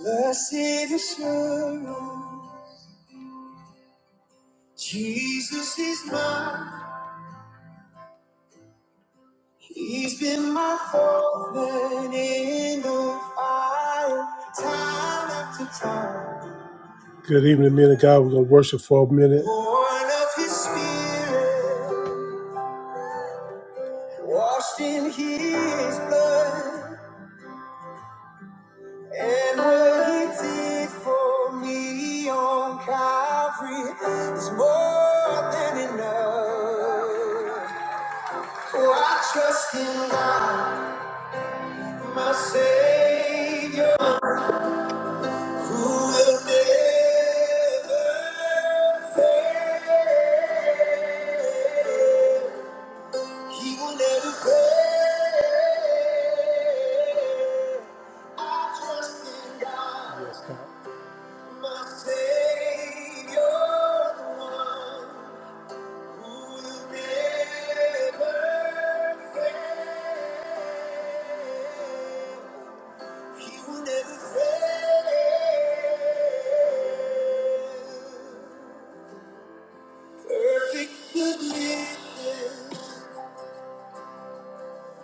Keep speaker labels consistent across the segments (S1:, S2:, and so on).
S1: Blessed assurance, Jesus is mine. He's been my fountain in the fire, time after time. Good evening, men of God. We're gonna worship for a minute. Born of His Spirit, washed in His blood, and what He did for me on Calvary is more than enough. For I trust in God, my Savior, who will never fail. He will never fail. I trust in God, Yes, God. my Savior, the one who will never fail. He will never fail. Perfect goodness,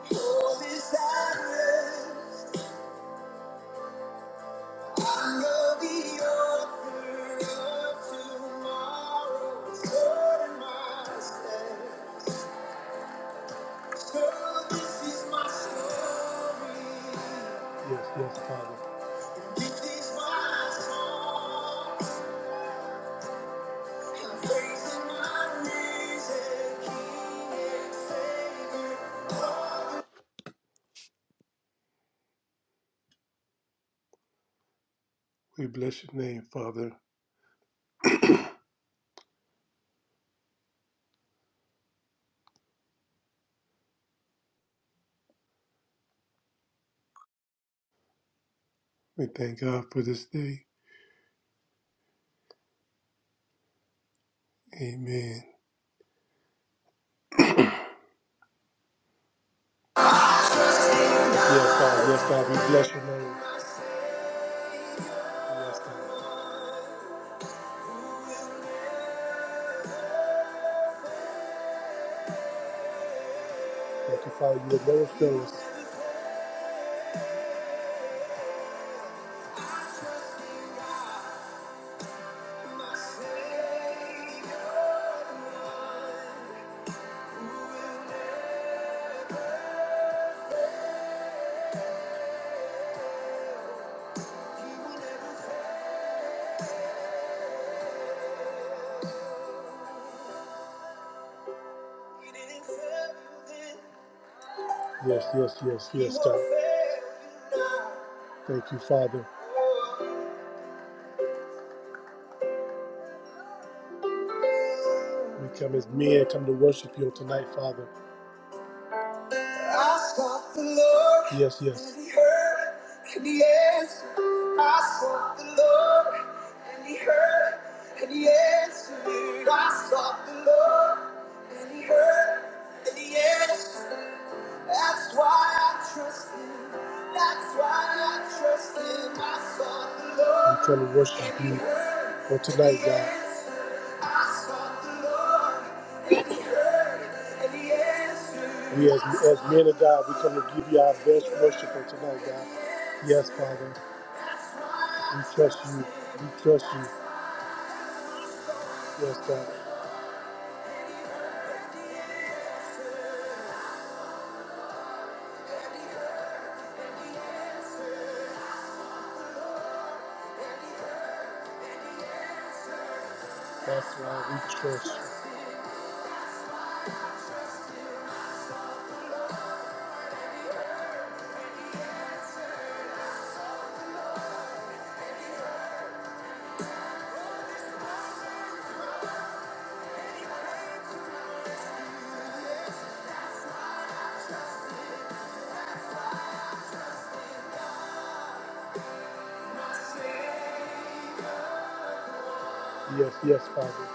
S1: holy silence. I know the author of tomorrow. So did myself. So this is my story. Yes, yes, Father. And this is my song. We bless your name, Father. We thank God for this day. Amen. Yes, God. Yes, God. We bless your name. Yes, God. Thank you, Father. You have never failed us. Yes, yes, yes, yes, God. Thank you, Father. We come as men, come to worship you tonight, Father. I sought the Lord. Yes, yes. And he heard and he answered. I sought the Lord and he heard and he answered. I sought the Lord and he heard and he answered. That's why I trust him. That's why I trust him. I sought the Lord. I'm trying to worship you for tonight, God. I sought the Lord, and he heard, and he answered. We as, as men of God, we come to give you our best worship for tonight, God. Yes, Father. We trust you. We trust you. Yes, God. That's why we trust you. Yes, yes, Father.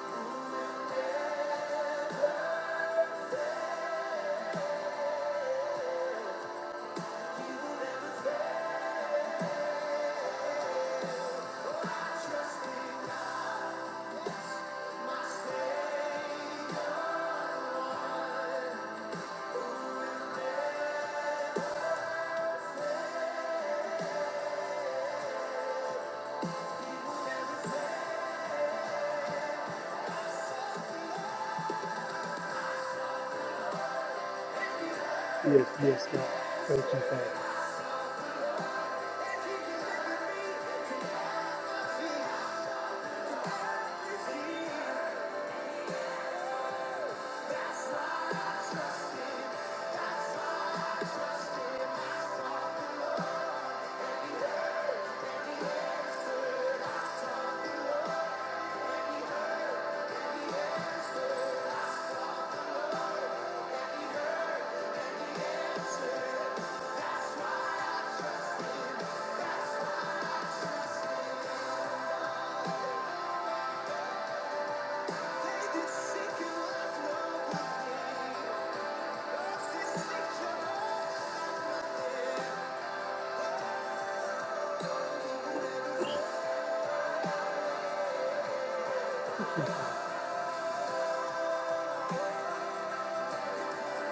S1: Yes, yes, God. Thank you, Father.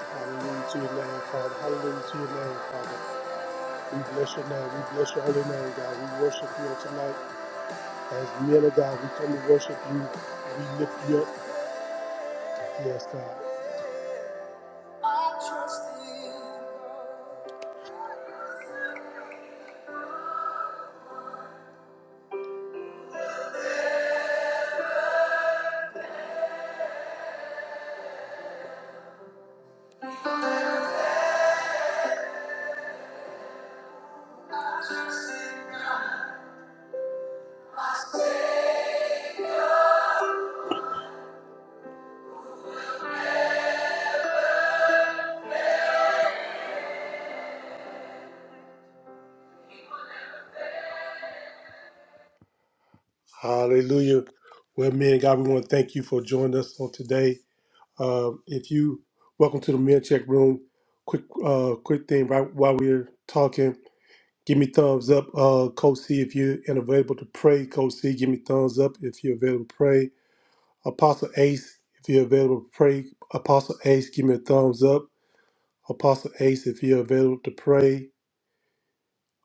S1: Hallelujah to your name, Father. Hallelujah to your name, Father. We bless your name. We bless your holy name, God. We worship you on tonight. As men of God, we come to worship you. We lift you up. Yes, God. I trust in God. Hallelujah. Well, man, God, we want to thank you for joining us on today. Uh, if you welcome to the Men Check Room, quick, uh, quick thing right while we're talking, give me thumbs up, uh, Coach C, if you're and available to pray. Coach C, give me thumbs up if you're available to pray. Apostle Ace, if you're available to pray. Apostle Ace, give me a thumbs up. Apostle Ace, if you're available to pray.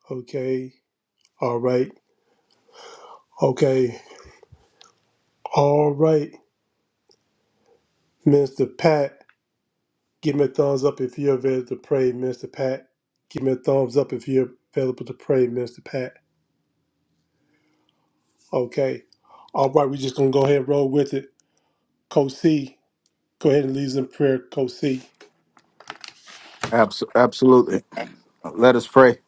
S1: Okay. All right. Okay. All right. Minister Pat. Give me a thumbs up if you're available to pray, Minister Pat. Give me a thumbs up if you're available to pray, Minister Pat. Okay. All right, we're just going to go ahead and roll with it. Coach C, go ahead and lead us in prayer, Coach C.
S2: Abs- Absolutely. Let us pray.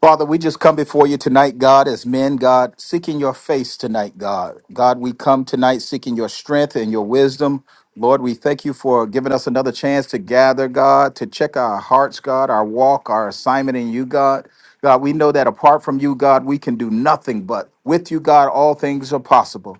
S2: Father, we just come before you tonight, God, as men, God, seeking your face tonight, God. God, we come tonight seeking your strength and your wisdom. Lord, we thank you for giving us another chance to gather, God, to check our hearts, God, our walk, our assignment in you, God. God, we know that apart from you, God, we can do nothing, but with you, God, all things are possible.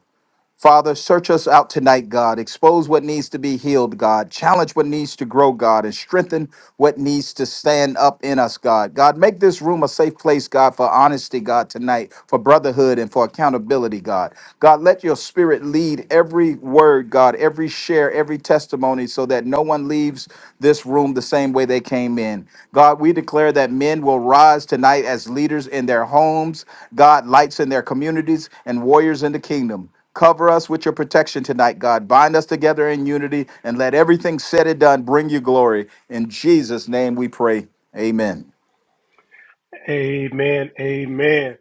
S2: Father, search us out tonight, God. Expose what needs to be healed, God. Challenge what needs to grow, God, and strengthen what needs to stand up in us, God. God, make this room a safe place, God, for honesty, God, tonight, for brotherhood and for accountability, God. God, let your spirit lead every word, God, every share, every testimony, so that no one leaves this room the same way they came in. God, we declare that men will rise tonight as leaders in their homes, God, lights in their communities, and warriors in the kingdom. Cover us with your protection tonight, God. Bind us together in unity and let everything said and done bring you glory. In Jesus' name we pray. Amen.
S1: Amen. Amen.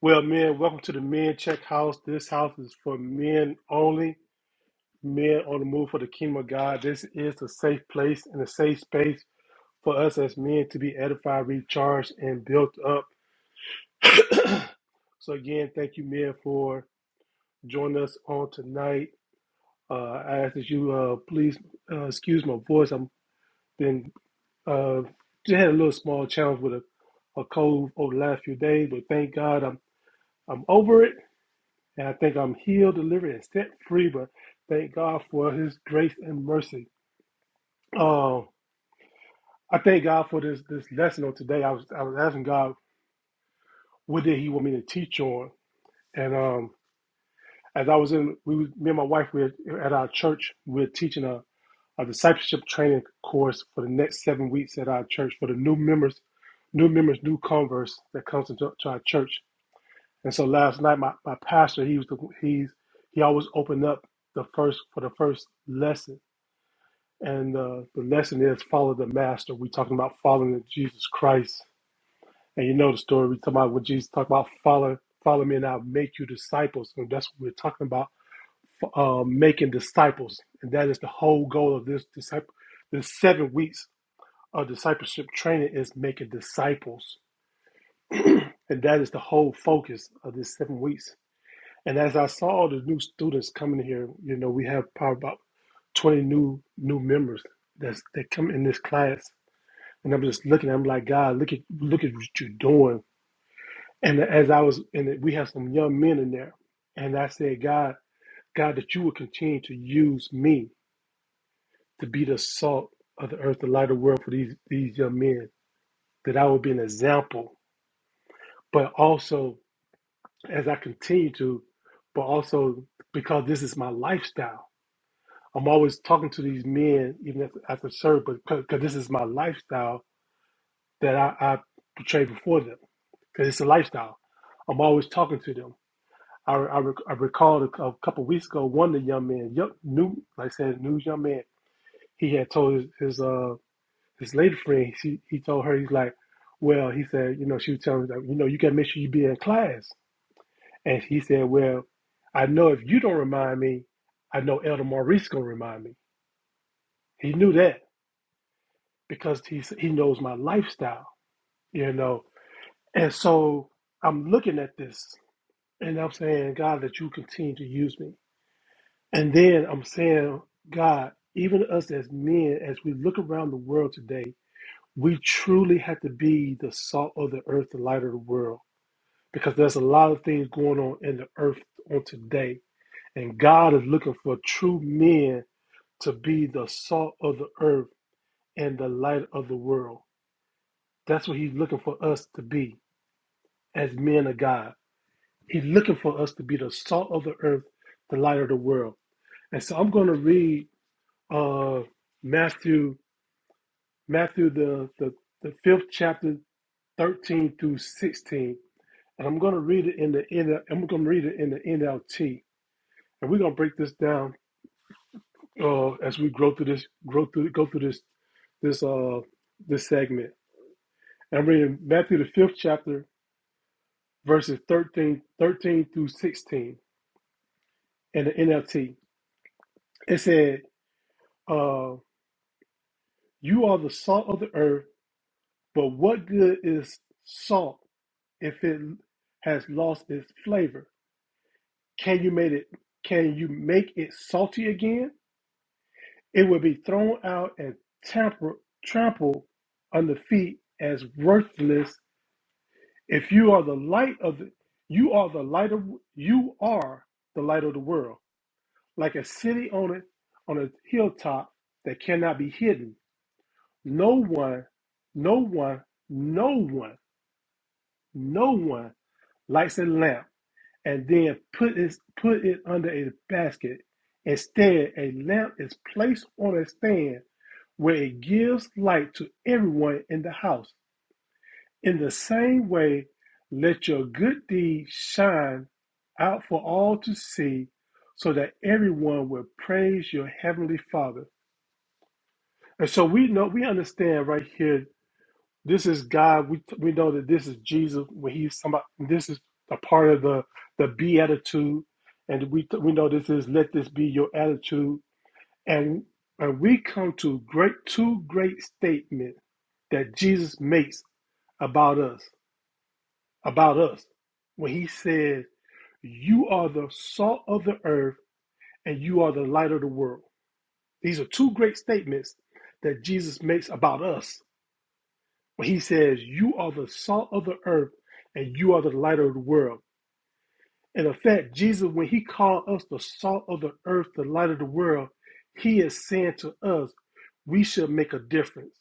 S1: Well, men, welcome to the Men Check House. This house is for men only, men on the move for the kingdom of God. This is a safe place and a safe space for us as men to be edified, recharged, and built up. So, again, thank you, men, for joining us on tonight. Uh, I ask that you uh, please uh, excuse my voice. i have been uh, just had a little small challenge with a, a cold over the last few days, but thank God I'm I'm over it, and I think I'm healed, delivered, and set free. But thank God for His grace and mercy. Uh, I thank God for this this lesson on today. I was I was asking God what did He want me to teach on, and um, as I was in, we was, me and my wife were at our church. We were teaching a. a discipleship training course for the next seven weeks at our church for the new members, new members, new converts that comes into to our church. And so last night, my, my pastor, he was the, he's he always opened up the first for the first lesson, and uh, the lesson is follow the master. we talking about following Jesus Christ, and you know the story. We talking about what Jesus talked about follow follow me, and I'll make you disciples. So that's what we're talking about, uh, making disciples, and that is the whole goal of this disciple. The seven weeks our discipleship training is making disciples, and that is the whole focus of this seven weeks. And as I saw the new students coming here, you know, we have probably about 20 new new members that's, that come in this class. And I'm just looking, I'm like, God, look at look at what you're doing. And as I was and we have some young men in there. And I said, God, God, that you will continue to use me to be the salt of the earth, the light of the world for these these young men, that I will be an example, but also as I continue to, but also because this is my lifestyle. I'm always talking to these men, even after, after service, but because this is my lifestyle that I, I portray before them, because it's a lifestyle. I'm always talking to them. I, I, rec- I recall a, a couple weeks ago, one of the young men, young, new, like I said, new young man, he had told his his, uh, his lady friend, he, he told her, he's like, well, he said, you know, she was telling me, that, you know, you got to make sure you be in class And he said, Well, I know if you don't remind me, I know Elder Maurice gonna remind me. He knew that because he he knows my lifestyle, you know. And so I'm looking at this and I'm saying, God, that you continue to use me. And then I'm saying, God, even us as men, as we look around the world today, we truly have to be the salt of the earth, the light of the world, because there's a lot of things going on in the earth on today. And God is looking for true men to be the salt of the earth and the light of the world. That's what he's looking for us to be as men of God. He's looking for us to be the salt of the earth, the light of the world. And so I'm going to read uh, Matthew, Matthew the, the the fifth chapter, 13 through 16, and I'm going to read it in the N. L, I'm going to read it in the NLT, and we're going to break this down uh, as we grow through this, grow through, go through this, this, uh, this segment. I'm reading Matthew, the fifth chapter, verses 13, 13 through 16 in the NLT. It said, uh, You are the salt of the earth, but what good is salt if it has lost its flavor? Can you make it can you make it salty again? It will be thrown out and tamper, trampled under feet as worthless. If you are the light of the you are the light of you are the light of the world. like a city on it, on a hilltop that cannot be hidden. No one, no one, no one, no one lights a lamp and then put it put it under a basket. Instead, a lamp is placed on a stand where it gives light to everyone in the house. In the same way, let your good deeds shine out for all to see, so that everyone will praise your heavenly Father. And so we know, we understand right here, this is God. We, we know that this is Jesus when he's somebody, this is a part of the, the beatitude. And we, we know this is, let this be your attitude. And, and we come to great, two great statements that Jesus makes about us, about us, when he says, you are the salt of the earth and you are the light of the world. These are two great statements that Jesus makes about us He says, You are the salt of the earth and you are the light of the world. In effect, Jesus, when he called us the salt of the earth, the light of the world, he is saying to us, We should make a difference.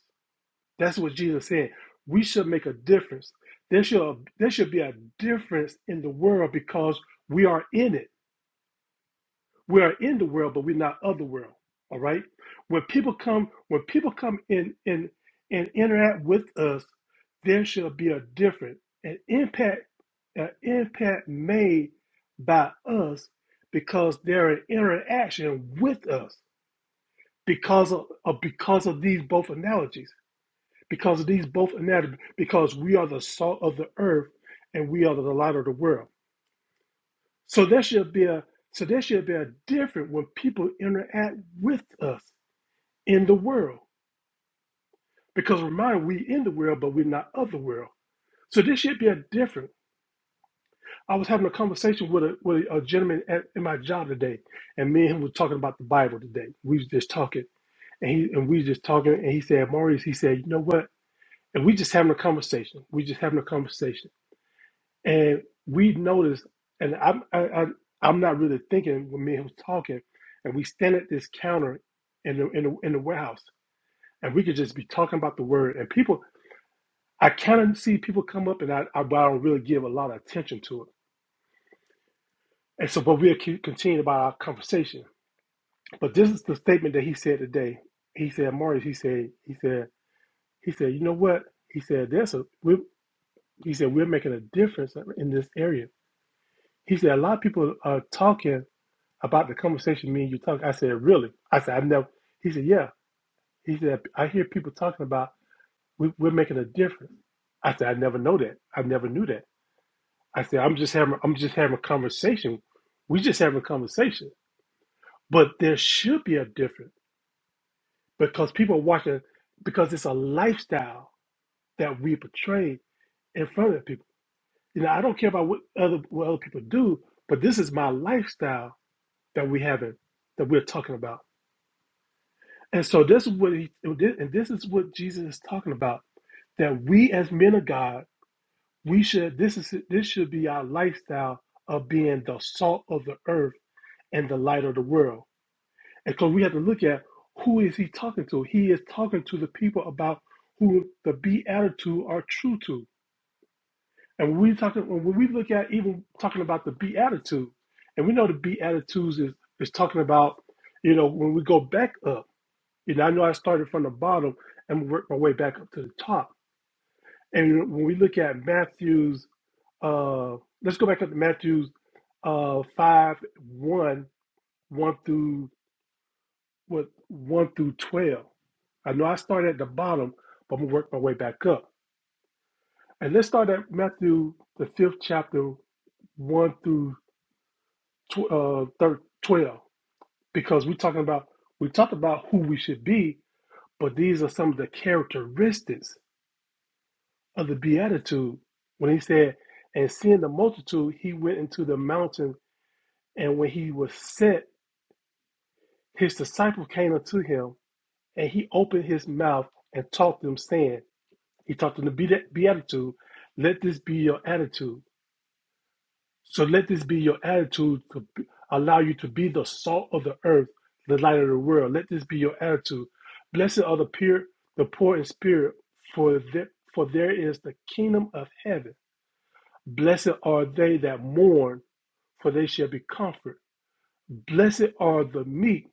S1: That's what Jesus said. We should make a difference. There should, there should be a difference in the world because we are in it. We are in the world, but we're not of the world. All right. When people come, when people come in and and interact with us, there shall be a different an impact, an impact made by us because they're an interaction with us because of, of because of these both analogies. Because of these both analogies, because we are the salt of the earth and we are the light of the world. So there should be a so there should be a difference when people interact with us in the world. Because remember we in the world, but we're not of the world. So there should be a difference. I was having a conversation with a with a gentleman at, in my job today, and me and him were talking about the Bible today. We was just talking, and he and we was just talking, and he said, Maurice, he said, you know what? And we just having a conversation. We just having a conversation. And we noticed, and I'm I, I, I'm not really thinking when me and him was talking, and we stand at this counter in the in the, in the warehouse, and we could just be talking about the word, and people. I kind of see people come up, and I, I, but I don't really give a lot of attention to it. And so, but we'll keep continuing about our conversation. But this is the statement that he said today. He said, Marius, he said, he said, he said, you know what? He said, there's a, we he said, we're making a difference in this area. He said, a lot of people are talking about the conversation me and you talk. I said, really? I said, I've never. He said, yeah. He said, I hear people talking about we, we're making a difference. I said, I never know that. I never knew that. I said, I'm just having, I'm just having a conversation. We just having a conversation, but there should be a difference because people are watching because it's a lifestyle that we portray in front of people. You know, I don't care about what other what other people do, but this is my lifestyle that we have having that we're talking about And so this is what he and this is what Jesus is talking about that we as men of God, we should this is this should be our lifestyle of being the salt of the earth and the light of the world. And so we have to look at who is he talking to? He is talking to the people about who the beatitude are true to. And when we talking when we look at even talking about the beatitude, and we know the beatitudes is is talking about, you know, when we go back up. You know, I know I started from the bottom and worked my way back up to the top. And when we look at Matthew's, uh, let's go back up to Matthew's uh, 5 one, one through what 1 through 12. I know I started at the bottom, but I'm gonna work my way back up. And let's start at Matthew, the fifth chapter, 1 through tw- uh, thir 12, because we're talking about, we talked about who we should be, but these are some of the characteristics of the beatitude when he said, and seeing the multitude, he went into the mountain, and when he was set, his disciples came unto him, and he opened his mouth and taught them, saying, He taught them the beatitude, let this be your attitude. So let this be your attitude to allow you to be the salt of the earth, the light of the world. Let this be your attitude. Blessed are the pure, the poor in spirit, for their, for there is the kingdom of heaven. Blessed are they that mourn, for they shall be comforted. Blessed are the meek,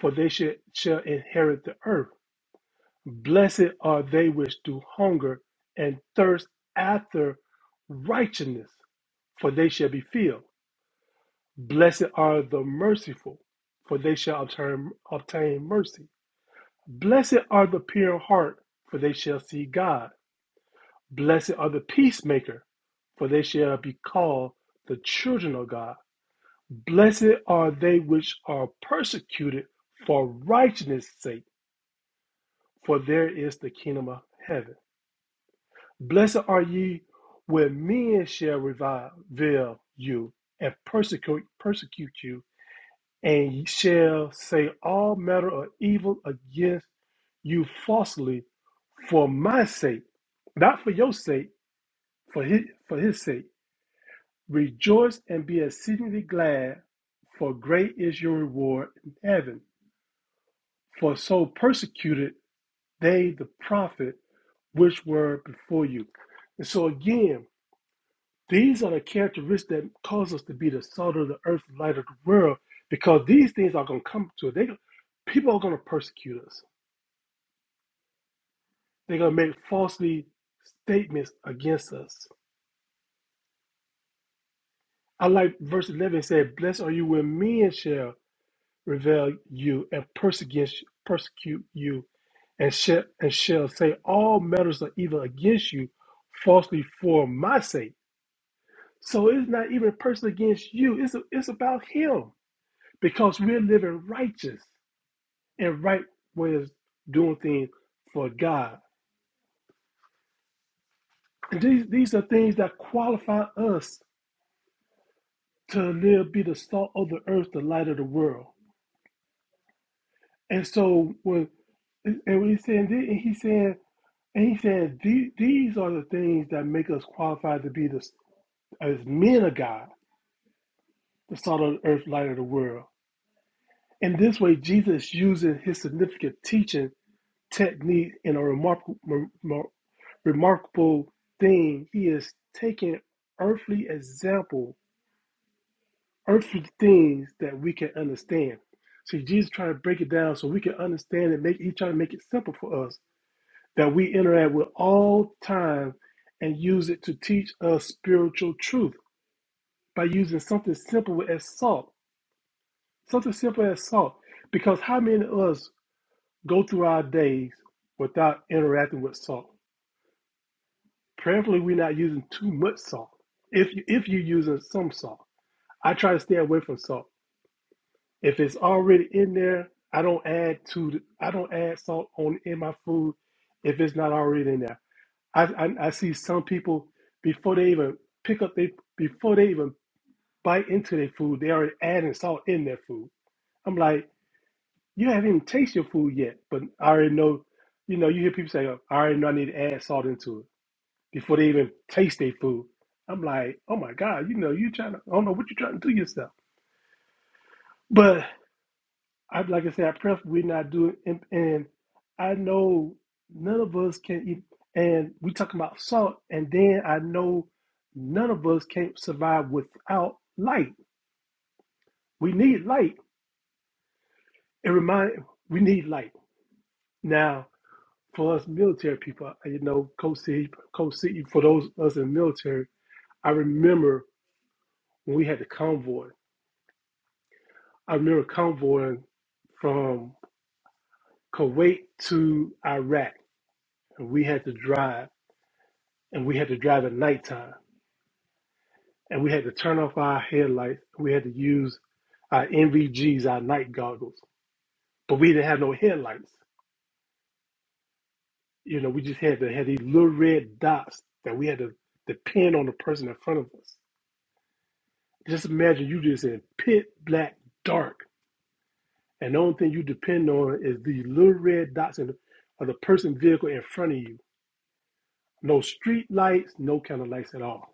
S1: for they shall, shall inherit the earth. Blessed are they which do hunger and thirst after righteousness, for they shall be filled. Blessed are the merciful, for they shall obtain, obtain mercy. Blessed are the pure in heart, for they shall see God. Blessed are the peacemaker, for they shall be called the children of God. Blessed are they which are persecuted for righteousness' sake, for there is the kingdom of heaven. Blessed are ye when men shall revile you and persecute persecute you, and ye shall say all manner of evil against you falsely for my sake, not for your sake, for his, for his sake. Rejoice and be exceedingly glad, for great is your reward in heaven For so persecuted they the prophet which were before you. And so again, these are the characteristics that cause us to be the salt of the earth, the light of the world, because these things are going to come to us. They, people are going to persecute us. They're going to make falsely statements against us. I like verse 11 it said, Blessed are you when men shall revile you and persecute persecute you, and shall, and shall say all matters of evil against you falsely for my sake. So it's not even personal against you. It's it's about him because we're living righteous and right ways doing things for God. And these these are things that qualify us to live, be the salt of the earth, the light of the world. And so when and when he's saying, this, and he's saying And he said, "The- These are the things that make us qualified to be the, as men of God, the salt of the earth, light of the world. In this way, Jesus uses his significant teaching technique in a remarkable, remar- remarkable thing. He is taking earthly example, earthly things that we can understand. See, Jesus trying to break it down so we can understand and make each other make it simple for us. that we interact with all time and use it to teach us spiritual truth by using something simple as salt. Something simple as salt. Because how many of us go through our days without interacting with salt? Prayerfully, we're not using too much salt. If, you, if you're using some salt, I try to stay away from salt. If it's already in there, I don't add to the, I don't add salt on in my food if it's not already in there. I, I I see some people before they even pick up they before they even bite into their food, they already adding salt in their food. I'm like, you haven't even tasted your food yet, but I already know. You know, you hear people say, oh, "I already know I need to add salt into it" before they even taste their food. I'm like, oh my god, you know, you trying to I don't know what you're trying to do yourself, but. I like I said, I prefer we not do it, and, and I know none of us can. eat- And we talking about salt, and then I know none of us can't survive without light. We need light. It remind we need light now for us military people. uh, You know, Coach C, Coach C, for those of us in the military, I remember when we had the convoy. I remember convoying from Kuwait to Iraq, and we had to drive. and we had to drive at nighttime and we had to turn off our headlights. We had to use our NVGs, our night goggles, but we didn't have no headlights. You know, we just had to have these little red dots that we had to depend on the person in front of us. Just imagine you just in pit black dark, and the only thing you depend on is these little red dots in, the, of the person vehicle in front of you. No street lights, no kind of lights at all.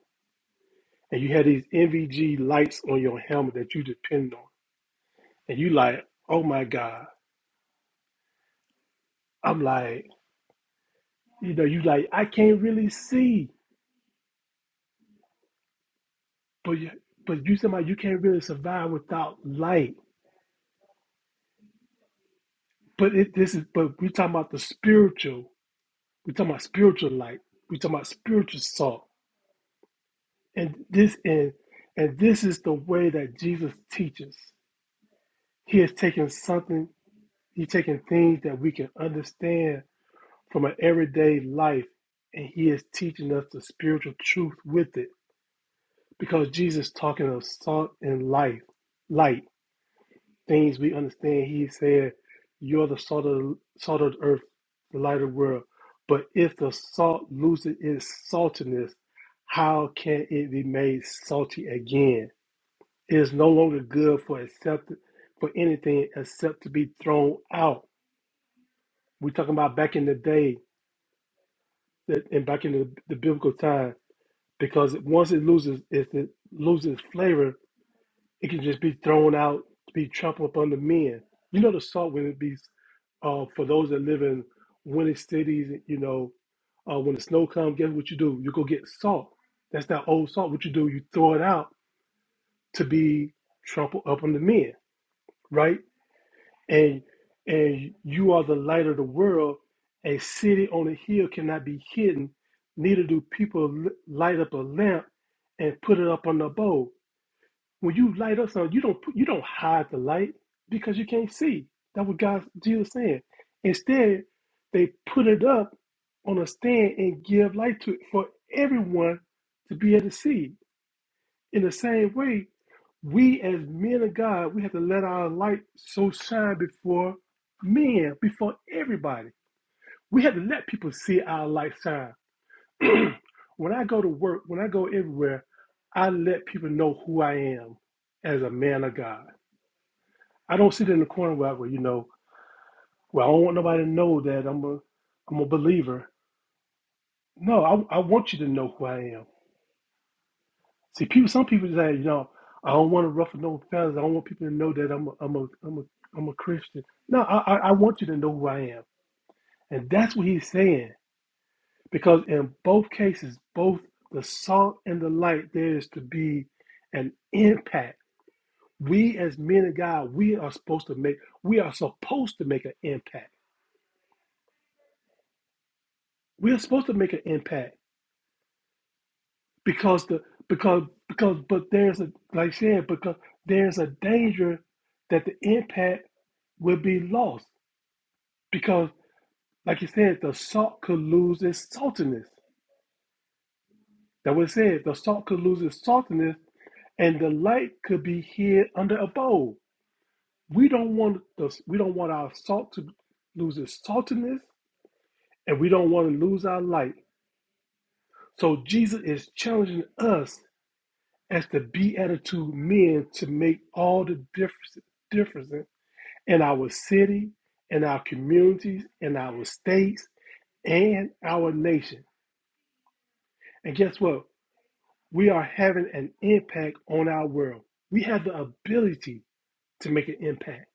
S1: And you had these NVG lights on your helmet that you depend on and you like, oh my God. I'm like, you know, you like, I can't really see, but you, but you somehow you can't really survive without light. But it, this is, but we talking about the spiritual. We talking about spiritual light. We talking about spiritual salt. And this and and this is the way that Jesus teaches. He has taken something. He's taking things that we can understand from an everyday life, and he is teaching us the spiritual truth with it because Jesus talking of salt and life, light, things we understand. He said, "You're the salt of the, salt of the earth, the light of the world." But if the salt loses its saltiness, how can it be made salty again? It is no longer good for accept for anything except to be thrown out. We're talking about back in the day that- and back in the, the biblical time, because once it loses, if it loses flavor, It can just be thrown out to be trampled upon the men. You know the salt when it be uh, for those that live in winter cities, you know, uh, when the snow comes, guess what you do? You go get salt. That's that old salt. What you do, you throw it out to be trampled up on the men, right? And and you are the light of the world. A city on a hill cannot be hidden. Neither do people li- light up a lamp and put it up on the bowl. When you light up something, you don't put, you don't hide the light because you can't see. That's what God Jesus saying. Instead, they put it up on a stand and give light to it for everyone to be able to see. In the same way, we as men of God, we have to let our light so shine before men, before everybody. We have to let people see our light shine. When I go to work, when I go everywhere, I let people know who I am as a man of God. I don't sit in the corner where, I go, you know, where I don't want nobody to know that I'm a, I'm a believer. No, I, I want you to know who I am. See, people, some people say, you know, I don't want to ruffle no feathers. I don't want people to know that I'm a, I'm a, I'm a, I'm a Christian. No, I, I I want you to know who I am, and that's what he's saying. Because in both cases, both the salt and the light, there is to be an impact. We as men of God, we are supposed to make, we are supposed to make an impact. We are supposed to make an impact because the because because but there's a like I said because there's a danger that the impact will be lost because like you said the salt could lose its saltiness that was said the salt could lose its saltiness and the light could be hid under a bowl we don't want the we don't want our salt to lose its saltiness and we don't want to lose our light so jesus is challenging us as the be attitude men to make all the difference, difference in our city, in our communities, in our states, and our nation. And guess what? We are having an impact on our world. We have the ability to make an impact.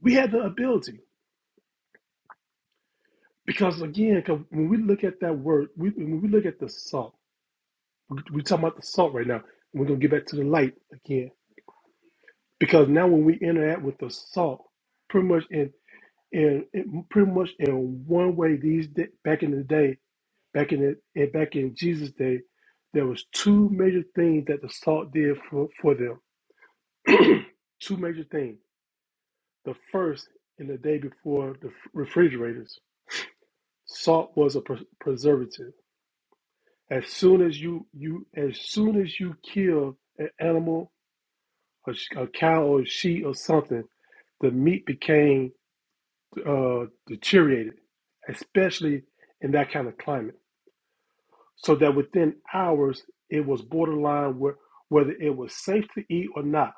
S1: We have the ability because again, because when we look at that word, we, when we look at the salt, we- are talking about the salt right now. We're gonna get back to the light again because now when we interact with the salt, pretty much in and it, pretty much in one way these da- back in the day back in the, and back in jesus day there was two major things that the salt did for, for them two major things the first in the day before the f- refrigerators salt was a pres- preservative as soon as you you as soon as you kill an animal a, sh- a cow or a sheep or something the meat became uh, deteriorated especially in that kind of climate so that within hours it was borderline where, whether it was safe to eat or not.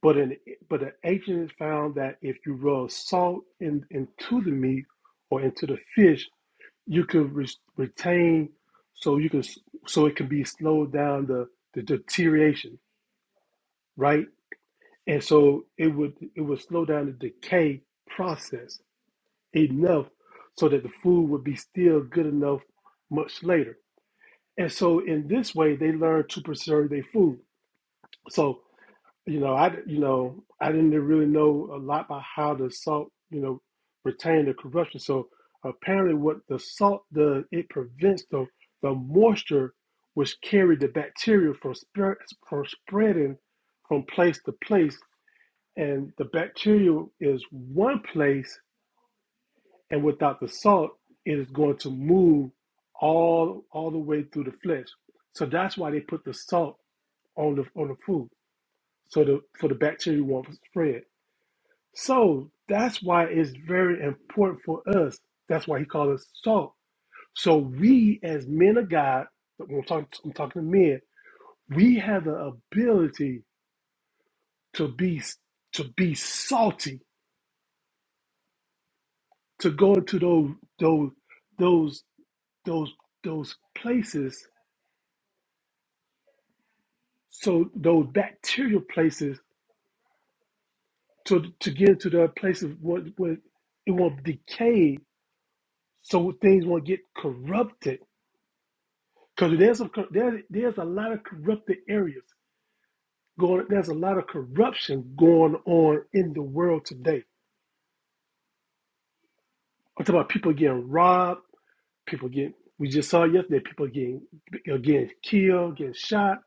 S1: But an but an agent found that if you rub salt in, into the meat or into the fish, you could re- retain so you can so it can be slowed down the, the deterioration, right? And so it would it would slow down the decay process enough so that the food would be still good enough much later And so in this way, they learn to preserve their food. So, you know, I, you know, I didn't really know a lot about how the salt, you know, retain the corruption. So apparently what the salt does, it prevents the, the moisture which carried the bacteria from, spread, from spreading from place to place. And the bacteria is one place and without the salt, it is going to move all all the way through the flesh. So that's why they put the salt on the on the food, so the for the bacteria won't spread. So that's why it's very important for us. That's why he calls us salt. So we as men of God, when I'm talking, I'm talking to men, we have the ability to be to be salty, to go into those those those those those places, so those bacterial places, to to get into the places where where it won't decay so things won't get corrupted. Because there's some cor- there, there's a lot of corrupted areas going. There's a lot of corruption going on in the world today. I'm talking about people getting robbed, people getting. We just saw yesterday people getting uh, getting killed, getting shot.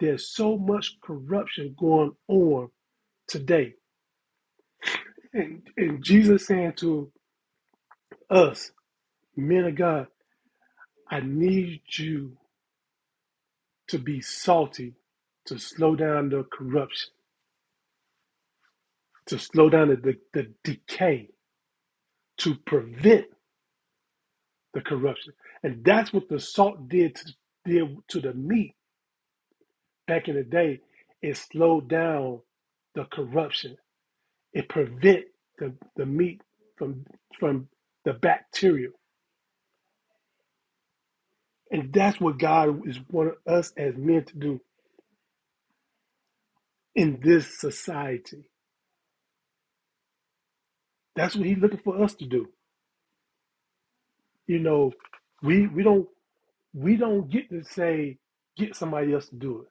S1: There's so much corruption going on today, and and Jesus saying to us, men of God, I need you to be salty to slow down the corruption. to slow down the, the, the decay, to prevent the corruption. And that's what the salt did to, did to the meat back in the day. It slowed down the corruption. It prevent the, the meat from from the bacteria. And that's what God is wanting us as men to do in this society. That's what He's looking for us to do. You know, we we don't we don't get to say get somebody else to do it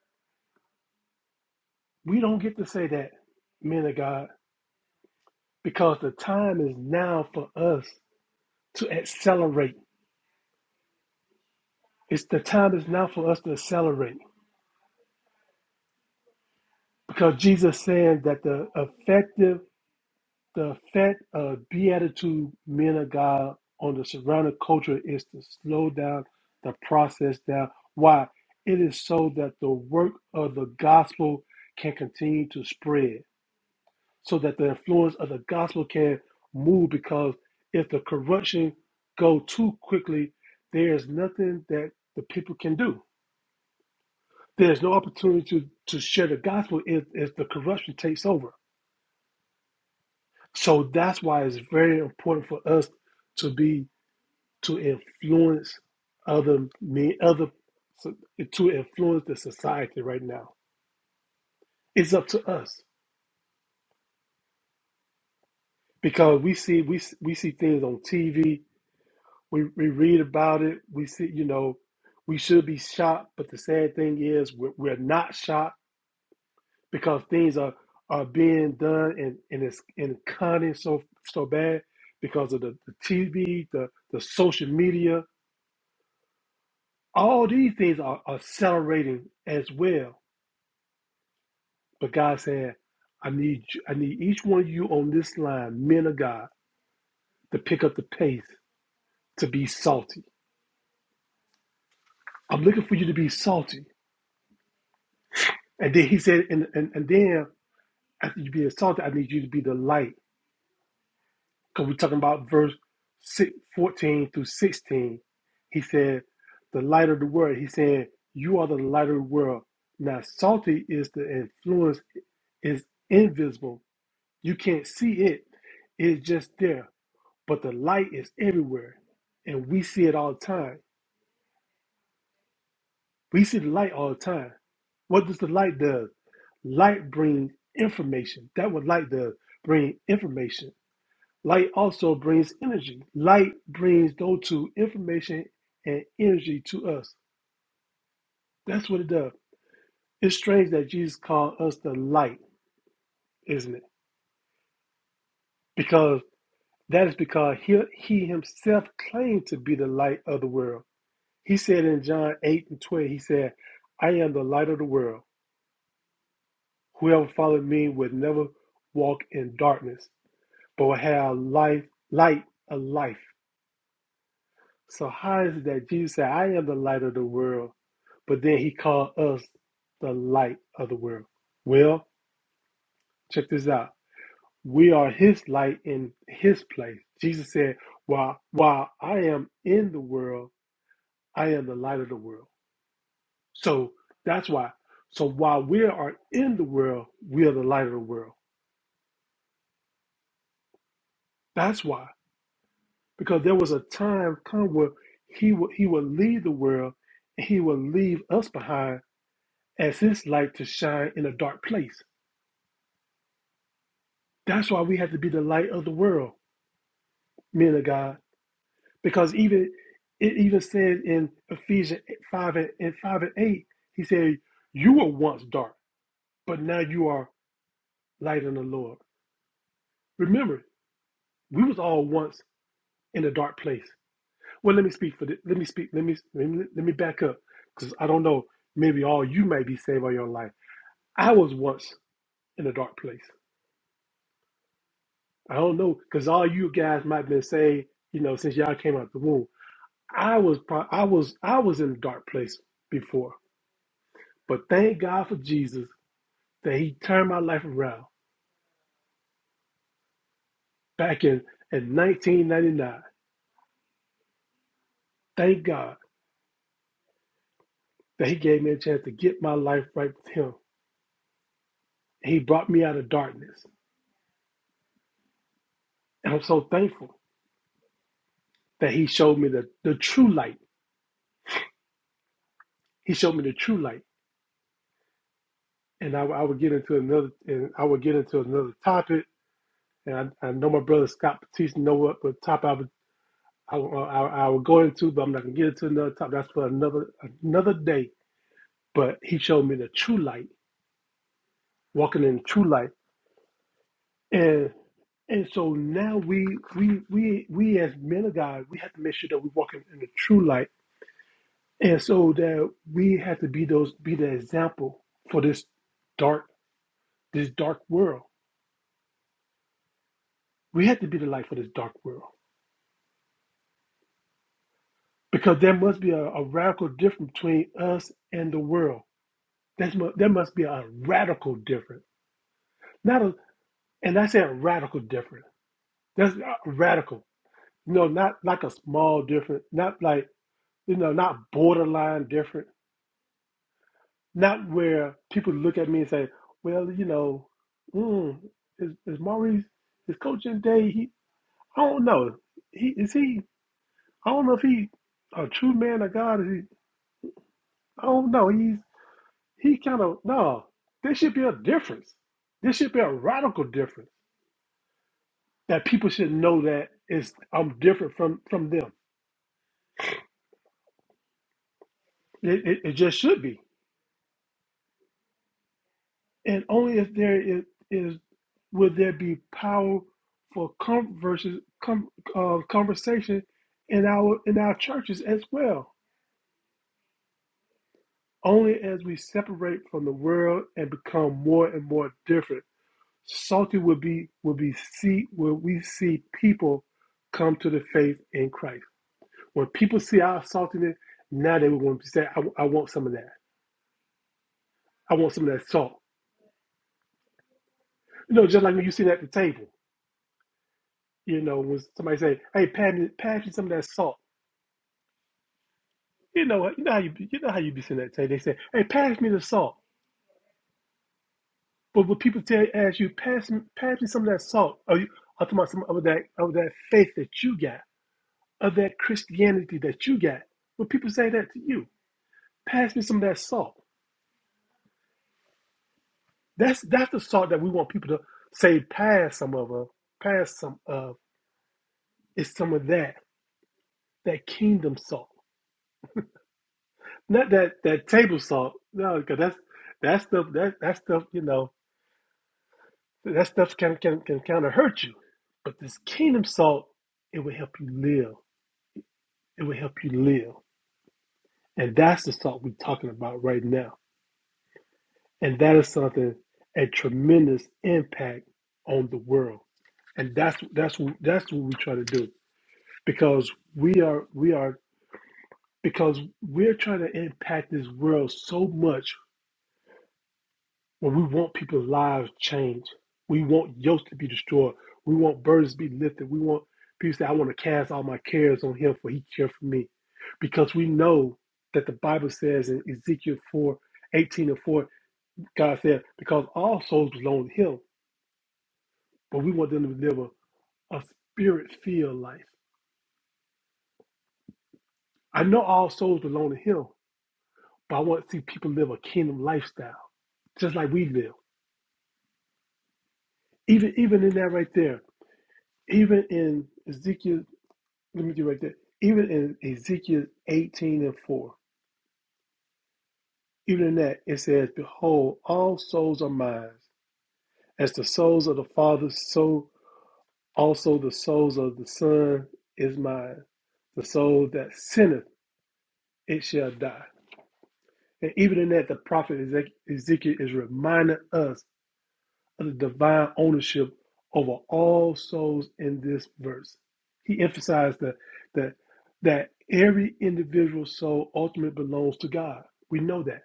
S1: We don't get to say that, men of God, because the time is now for us to accelerate. It's the time is now for us to accelerate. Because Jesus saying that the effective, the effect of beatitude, men of God, on the surrounding culture is to slow down the process down. Why? It is so that the work of the gospel can continue to spread. so that the influence of the gospel can move because if the corruption go too quickly, there is nothing that the people can do. There's no opportunity to, to share the gospel if, if the corruption takes over. So that's why it's very important for us to be to influence other me other so- to influence the society right now. It's up to us because we see we we see things on TV we we read about it. We see, you know, we should be shocked, but the sad thing is, we're, we're not shocked because things are are being done and and it's in conning so so bad because of the, the TV, the the social media. All these things are accelerating as well. But God said, I need you, I need each one of you on this line, men of God, to pick up the pace to be salty. I'm looking for you to be salty. And then he said, and and, and then After you be salty, I need you to be the light. Because we're talking about verse 14 through 16. He said, the light of the world. He said, you are the light of the world. Now, salty is the influence is invisible. You can't see it. It's just there. But the light is everywhere. And we see it all the time. We see the light all the time. What does the light do? Light brings information. That what light does bring information. Light also brings energy. Light brings those two information and energy to us. That's what it does. It's strange that Jesus called us the light, isn't it? Because that is because he, he himself claimed to be the light of the world. He said in John 8 and 12, he said, I am the light of the world. Whoever follows me would never walk in darkness, but will have life, light of life. So how is it that Jesus said, I am the light of the world, but then he called us the light of the world? Well, check this out. We are his light in his place. Jesus said, While while I am in the world, I am the light of the world. So that's why. So while we are in the world, we are the light of the world. That's why. Because there was a time come where he would he would leave the world and he would leave us behind as his light to shine in a dark place. That's why we have to be the light of the world, men of God. Because even it even says in Ephesians 5 and, and 5 and 8, he said, You were once dark, but now you are light in the Lord. Remember, we was all once in a dark place. Well, let me speak for this. Let me speak. Let me let me, let me back up. Because I don't know, maybe all you may be saved by your life. I was once in a dark place. I don't know, because all you guys might have been saved, you know, since y'all came out the womb. I was, pro- I was, I was in a dark place before, but thank God for Jesus that He turned my life around back in in 1999. Thank God that He gave me a chance to get my life right with Him. He brought me out of darkness, and I'm so thankful that He showed me the the true light. He showed me the true light, and I, I would get into another, and I would get into another topic and I, I know my brother Scott Patisse know what, what top I would I, I, I would go into, but I'm not gonna get into another top. That's for another another day. But he showed me the true light, walking in the true light, and and so now we we we we as men of God, we have to make sure that we're walking in the true light, and so that we have to be those be the example for this dark this dark world. We have to be the light for this dark world because there must be a, a radical difference between us and the world That's mu- there must be a radical difference. Not a, and I say a radical difference. That's uh, radical. You know, not like a small difference. Not like you know, not borderline different. Not where people look at me and say, "Well, you know, mm, is, is Maurice is coaching day? He, I don't know. He is he? I don't know if he a true man of God. Is he? I don't know. He's he kind of no. There should be a difference. There should be a radical difference that people should know that is I'm different from from them. It, it, it just should be, and only if there is, is would there be power for converses, com- uh, conversation in our in our churches as well. Only as we separate from the world and become more and more different, salty will be will be see will we see people come to the faith in Christ. When people see our saltiness, now they will want to say, I, "I want some of that." I want some of that salt. You know, just like when you sit at the table, you know, when somebody say, "Hey, pass me, pass me some of that salt." You know, you know how you, be- you know how you be sitting at the table. They say, "Hey, pass me the salt." But when people tell ask you, "Pass me, pass me some of that salt," are you I'm talking about some of that of that faith that you got, of that Christianity that you got? When people say that to you, "Pass me some of that salt," that's that's the salt that we want people to say, "Pass some of, uh, pass some of." It's some of that that kingdom salt Not that that table salt. No, because that's that stuff. That that stuff. You know, that stuff can can can kind of hurt you. But this kingdom salt, it will help you live. It will help you live, and that's the salt we're talking about right now. And that is something a tremendous impact on the world, and that's that's what that's what we try to do because we are we are because we're trying to impact this world so much When we want people's lives changed, we want yokes to be destroyed, we want burdens to be lifted, we want people to say, I want to cast all my cares on him for he cared for me. Because we know that the Bible says in Ezekiel 4 18 and 4, God said, Because all souls belong to him, but we want them to live a, a spirit filled life. I know all souls belong to him, but I want to see people live a kingdom lifestyle, just like we live. Even even in that right there, even in Ezekiel let me get right there. Even in Ezekiel 18 and 4, even in that, it says, Behold, all souls are mine. As the souls of the Father, so also the souls of the Son is mine. The soul that sinneth, it shall die. And even in that, the prophet Ezek- Ezekiel is reminding us of The divine ownership over all souls in this verse. He emphasized that that that every individual soul ultimately belongs to God. We know that.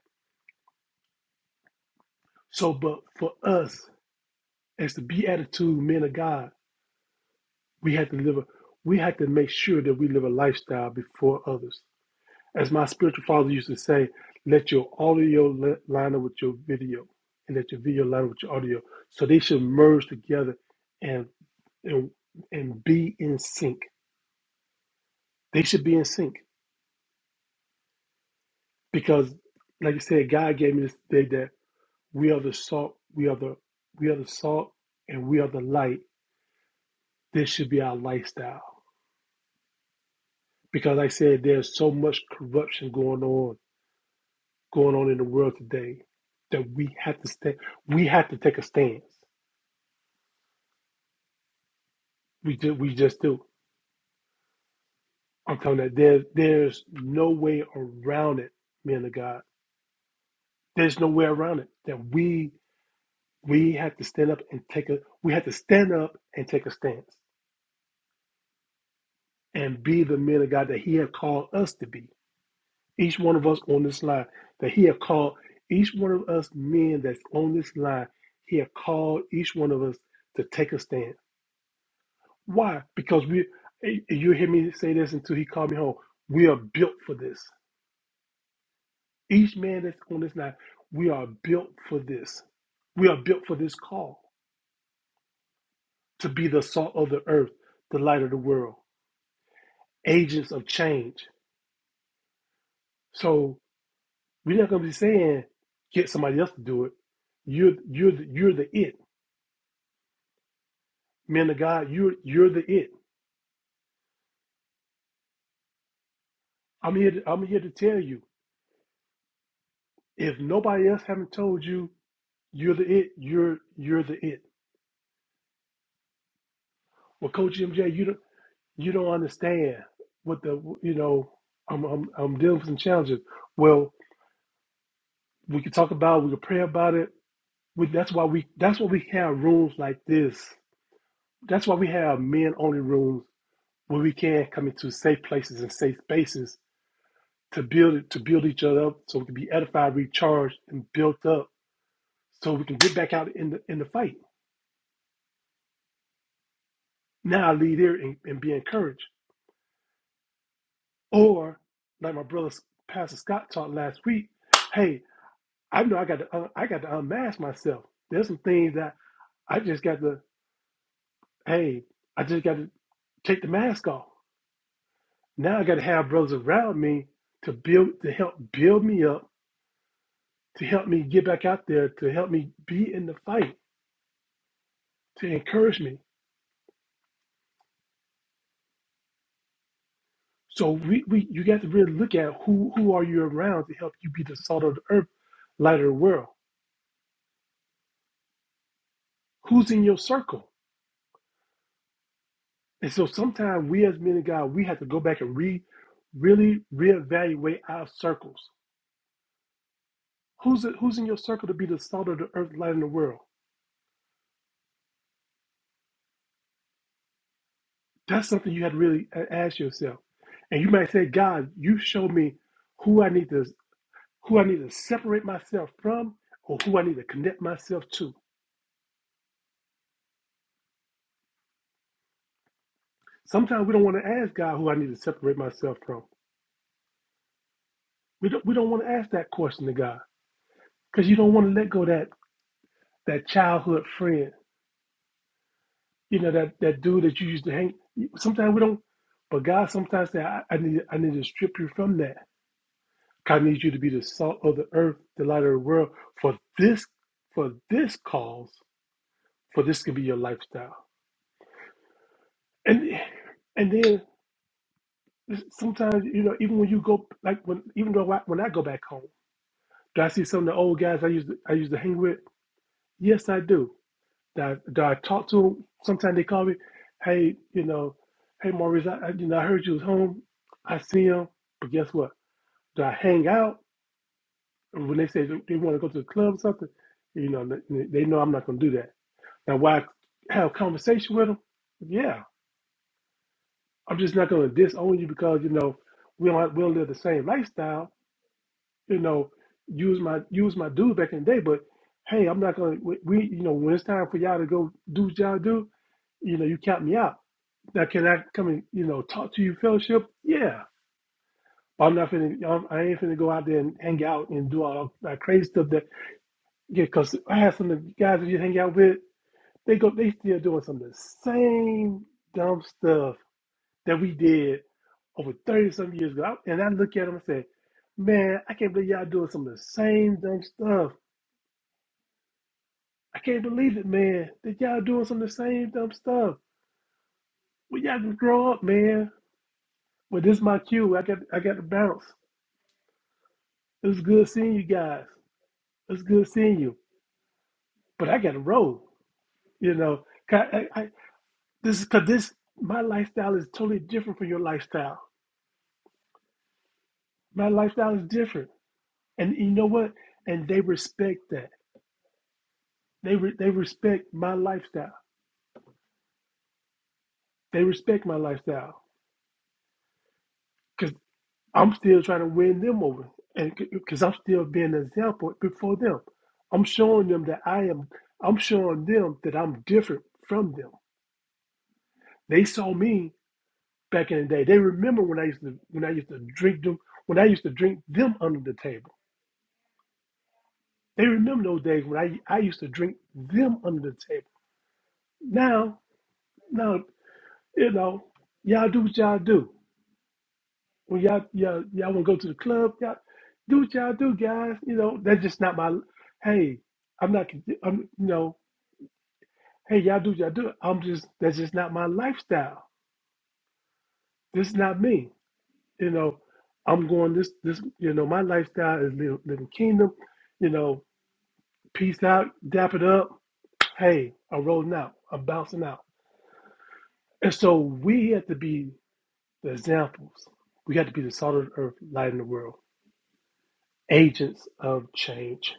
S1: So, but for us as the beatitude men of God, we have to live. A, we have to make sure that we live a lifestyle before others. As my spiritual father used to say, let your audio line up with your video, and let your video line up with your audio, so they should merge together and." and and be in sync. They should be in sync because, like I said, God gave me this day that we are the salt, we are the we are the salt, and we are the light. This should be our lifestyle because, like I said, there's so much corruption going on going on in the world today that we have to stay. We have to take a stance. We do. We just do. I'm telling you, there, there's no way around it, men of God. There's no way around it that we We have to stand up and take a we have to stand up and take a stance and be the men of God that He has called us to be. Each one of us on this line that He has called each one of us men that's on this line, He has called each one of us to take a stand. Why? Because we you hear me say this until He called me home. We are built for this. Each man that's on this line, we are built for this. We are built for this call to be the salt of the earth, the light of the world. agents of change. So we're not going to be saying get somebody else to do it. You're you're the, you're the it, man of God. You're you're the it. I'm here. To, I'm here to tell you. If nobody else haven't told you, you're the it. You're you're the it. Well, Coach MJ, you don't you don't understand what the you know. I'm I'm, I'm dealing with some challenges. Well, we can talk about. it, We can pray about it. We, that's why we. That's why we have rooms like this. That's why we have men only rooms where we can come into safe places and safe spaces to build to build each other up so we can be edified, recharged, and built up so we can get back out in the in the fight. Now I lead here and, and be encouraged. Or like my brother Pastor Scott taught last week, hey, I know I got to un- I got to unmask myself. There's some things that I just got to hey, I just got to take the mask off. Now I got to have brothers around me to build to help build me up to help me get back out there, to help me be in the fight, to encourage me. So we, we you got to really look at who who are you around to help you be the salt of the earth, light of the world. Who's in your circle? And so sometimes we as men of God, we have to go back and re really reevaluate our circles. Who's who's in your circle to be the salt of the earth, light in the world? That's something you had to really a- ask yourself. And you might say, God, you showed me who I need to. who I need to separate myself from or who I need to connect myself to. Sometimes we don't want to ask God who I need to separate myself from. We don't, we don't want to ask that question to God because you don't want to let go of that that childhood friend, you know, that, that dude that you used to hang. Sometimes we don't, but God sometimes says, I, I need I need to strip you from that. God needs you to be the salt of the earth, the light of the world for this for this cause, for this could be your lifestyle. And and then sometimes you know even when you go like when even though I, when I go back home, do I see some of the old guys I used to, I used to hang with? Yes, I do. Do I, do I talk to them? Sometimes they call me, hey, you know, hey Maurice, I, I you know I heard you was home. I see him, but guess what? Do I hang out? And when they say they want to go to the club or something, you know, they they know I'm not going to do that. Now, why have a conversation with them? Yeah, I'm just not going to disown you because you know we don't we don't live the same lifestyle you know, use my use my dude back in the day. But hey, I'm not gonna we we- you know when it's time for y'all to go do what y'all do, you know, you count me out. Now can I come and you know talk to you fellowship? Yeah, but I'm not finna I'm, I ain't finna go out there and hang out and do all that crazy stuff that yeah. Cause I have some of the guys that you hang out with, they go they still doing some of the same dumb stuff that we did over 30 some years ago. I- And I look at them and say, man, I can't believe y'all doing some of the same dumb stuff I can't believe it, man. That y'all doing some of the same dumb stuff. Well, y'all can grow up, man. Well, this is my cue. I got I got to bounce. It was good seeing you guys. It's good seeing you. But I got to roll. You know, 'Cause I, I, this is because this my lifestyle is totally different from your lifestyle. My lifestyle is different, and you know what? And they respect that. They re, they respect my lifestyle. They respect my lifestyle I'm still trying to win them over, and because I'm still being an example before them, I'm showing them that I am. I'm showing them that I'm different from them. They saw me back in the day. They remember when I used to when I used to drink them when I used to drink them under the table. They remember those days when I I used to drink them under the table. Now, now you know, y'all do what y'all do. When y'all y'all y'all want to go to the club, y'all do what y'all do, guys. You know that's just not my. Hey, I'm not. I'm you know. Hey, y'all do what y'all do. I'm just that's just not my lifestyle. This is not me. You know, I'm going this this. You know, my lifestyle is living, living kingdom. You know, peace out, dap it up. Hey, I'm rolling out. I'm bouncing out. And so we have to be the examples. We have to be the salt of the earth, light in the world, agents of change.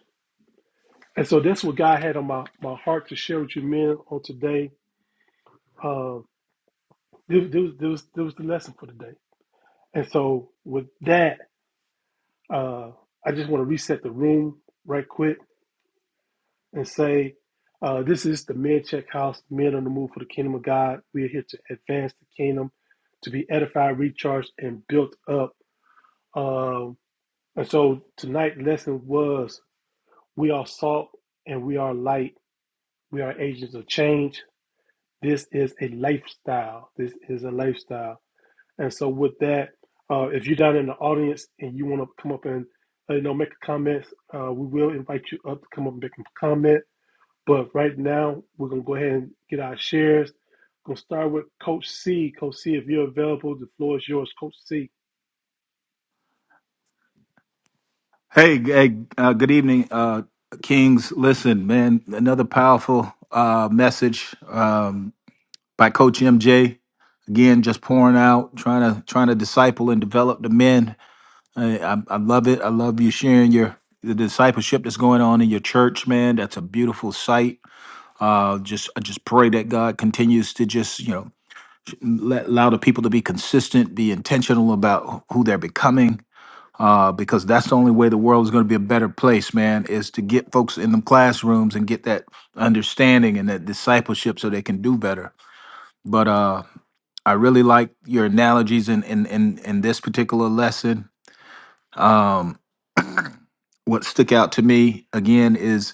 S1: And so that's what God had on my, my heart to share with you men on today. Um, this, this, this, this was the lesson for today. And so with that, uh, I just want to reset the room right quick and say, uh, this is the Men Check House, Men on the Move for the Kingdom of God. We are here to advance the kingdom, to be edified, recharged, and built up. Um, and so tonight's lesson was we are salt and we are light. We are agents of change This is a lifestyle. This is a lifestyle. And so with that, uh, if you're down in the audience and you want to come up and uh, you know make a comment, uh, we will invite you up to come up and make a comment. But right now, we're gonna go ahead and get our shares. Gonna start with Coach C. Coach C, if you're available, the floor is yours, Coach C.
S2: Hey, hey, uh, good evening, uh, Kings. Listen, man, another powerful uh, message um, by Coach MJ. Again, just pouring out, trying to trying to disciple and develop the men. I, I, I love it. I love you sharing your the discipleship that's going on in your church, man. That's a beautiful sight Uh, just I just pray that God continues to just you know let, allow the people to be consistent, be intentional about who they're becoming, uh, because that's the only way the world is going to be a better place, man. Is to get folks in them classrooms and get that understanding and that discipleship so they can do better. But uh, I really like your analogies in in in, in this particular lesson. Um, what stuck out to me again is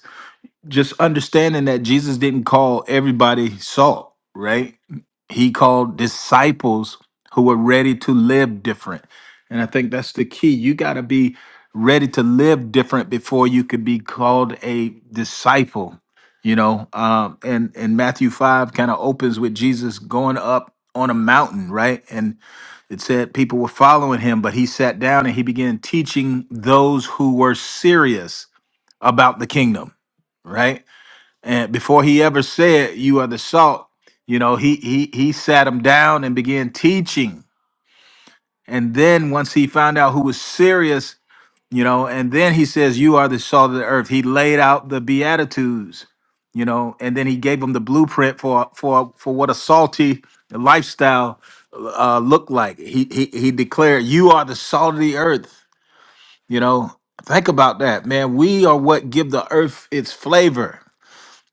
S2: just understanding that Jesus didn't call everybody salt, right? He called disciples who were ready to live different. And I think that's the key. You got to be ready to live different before you could be called a disciple, you know? Um, and, and Matthew 5 kind of opens with Jesus going up on a mountain, right? And it said people were following him, but he sat down and he began teaching those who were serious about the kingdom, right? and before he ever said you are the salt you know he he he sat him down and began teaching and then once he found out who was serious you know and then he says you are the salt of the earth he laid out the beatitudes you know and then he gave him the blueprint for for for what a salty lifestyle uh looked like he he, he declared you are the salt of the earth you know think about that man we are what give the earth its flavor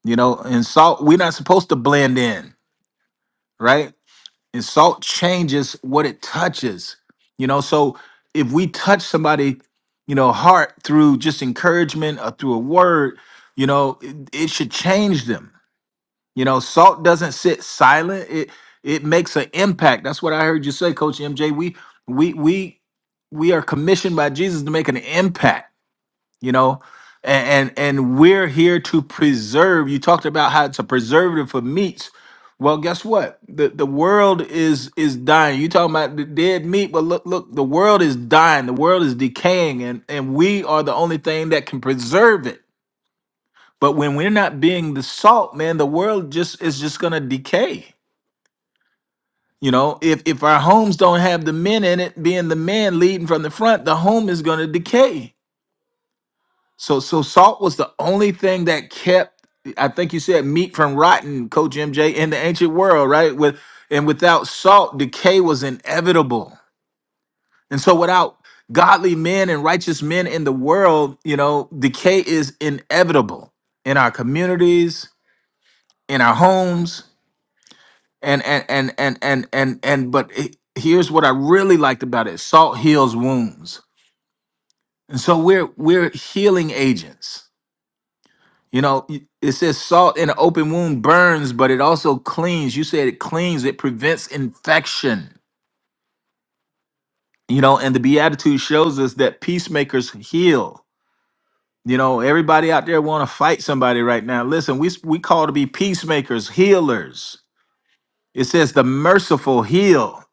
S2: you know, and salt, we're not supposed to blend in, right? And salt changes what it touches. You know, so if we touch somebody, you know, heart through just encouragement or through a word, you know, it, it should change them. You know, salt doesn't sit silent. It it makes an impact. That's what I heard you say, Coach MJ. We we we we are commissioned by Jesus to make an impact you know and, and and we're here to preserve you talked about how it's a preservative for meats well guess what the the world is is dying you talking about the dead meat but look look the world is dying the world is decaying and and we are the only thing that can preserve it but when we're not being the salt man the world just is just gonna decay you know if if our homes don't have the men in it being the men leading from the front the home is gonna decay So so salt was the only thing that kept I think you said meat from rotten, Coach MJ, in the ancient world, right? With and without salt, decay was inevitable. And so without godly men and righteous men in the world, you know, decay is inevitable in our communities, in our homes, and and and and and and, and but it- here's what I really liked about it. Salt heals wounds. And so we're we're healing agents You know, y- it says salt in an open wound burns, but it also cleans. You said it cleans, it prevents infection. You know, and the Beatitude shows us that peacemakers heal. You know, everybody out there want to fight somebody right now. Listen, we we call to be peacemakers, healers. It says the merciful heal,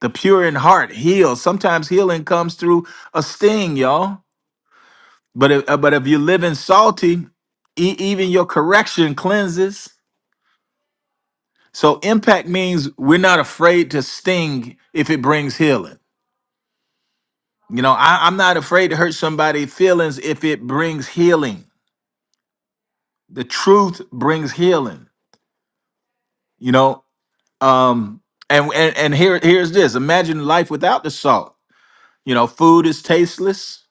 S2: the pure in heart heal. Sometimes healing comes through a sting, y'all. But if, uh, but if you live in salty, e- even your correction cleanses. So impact means we're not afraid to sting if it brings healing. You know, I, I'm not afraid to hurt somebody's feelings if it brings healing. The truth brings healing. You know, um, and and, and here here's this. Imagine life without the salt. You know, food is tasteless.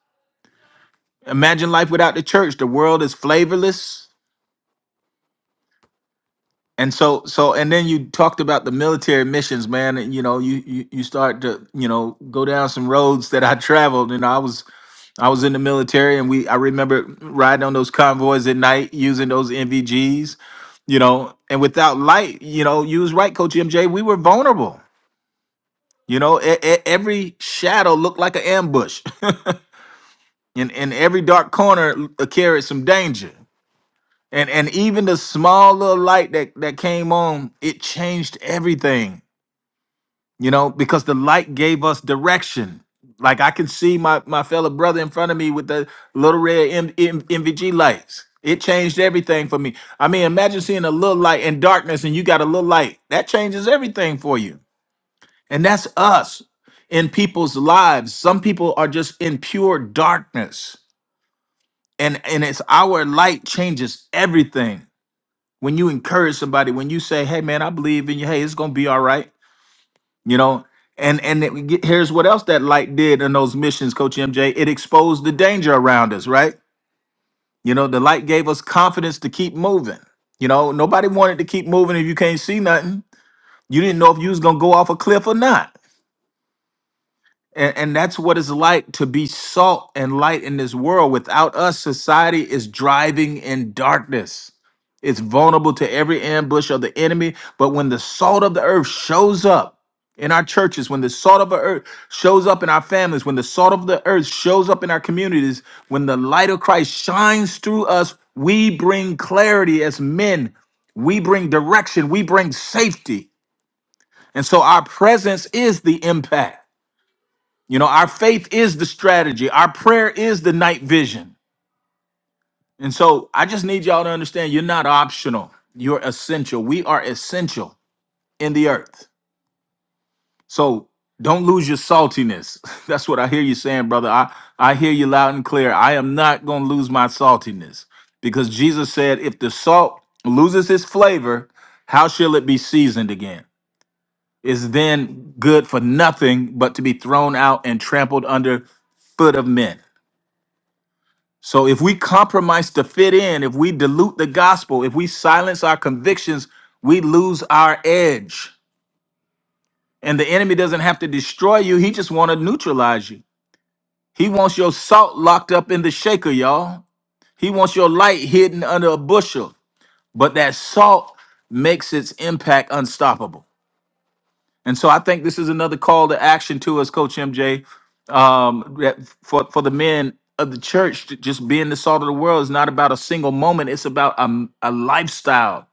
S2: Imagine life without the church. The world is flavorless. And so so and then you talked about the military missions, man. And you know, you you, you start to, you know, go down some roads that I traveled and I was I was in the military, and we I remember riding on those convoys at night using those NVGs, you know, and without light, you know, you was right, Coach MJ. We were vulnerable. You know, e- e- every shadow looked like an ambush, and in every dark corner l- carried some danger. And and even the small little light that that came on, it changed everything. you know, because the light gave us direction. Like I can see my my fellow brother in front of me with the little red M- M- MVG lights. It changed everything for me. I mean, imagine seeing a little light in darkness and you got a little light. That changes everything for you. And that's us in people's lives. Some people are just in pure darkness. And and it's our light changes everything. When you encourage somebody, when you say, "Hey man, I believe in you. Hey, it's going to be all right." you know and and it, get- here's what else that light did in those missions coach mj it exposed the danger around us right you know the light gave us confidence to keep moving you know nobody wanted to keep moving if you can't see nothing you didn't know if you was gonna go off a cliff or not and, and that's what it's like to be salt and light in this world. Without us, society is driving in darkness. It's vulnerable to every ambush of the enemy. But when the salt of the earth shows up in our churches, when the salt of the earth shows up in our families, when the salt of the earth shows up in our communities, when the light of Christ shines through us, we bring clarity as men. We bring direction. We bring safety. And so our presence is the impact. You know, our faith is the strategy, our prayer is the night vision. And so I just need y'all to understand you're not optional, you're essential. We are essential in the earth. So don't lose your saltiness. That's what I hear you saying, brother. I, I hear you loud and clear. I am not going to lose my saltiness because Jesus said, if the salt loses its flavor, how shall it be seasoned again? Is then good for nothing but to be thrown out and trampled under foot of men. So if we compromise to fit in, if we dilute the gospel, if we silence our convictions, we lose our edge. And the enemy doesn't have to destroy you, he just want to neutralize you. He wants your salt locked up in the shaker, y'all. He wants your light hidden under a bushel. But that salt makes its impact unstoppable. And so I think this is another call to action to us, Coach MJ, um, that for for the men of the church to just being the salt of the world is not about a single moment. It's about a, a lifestyle,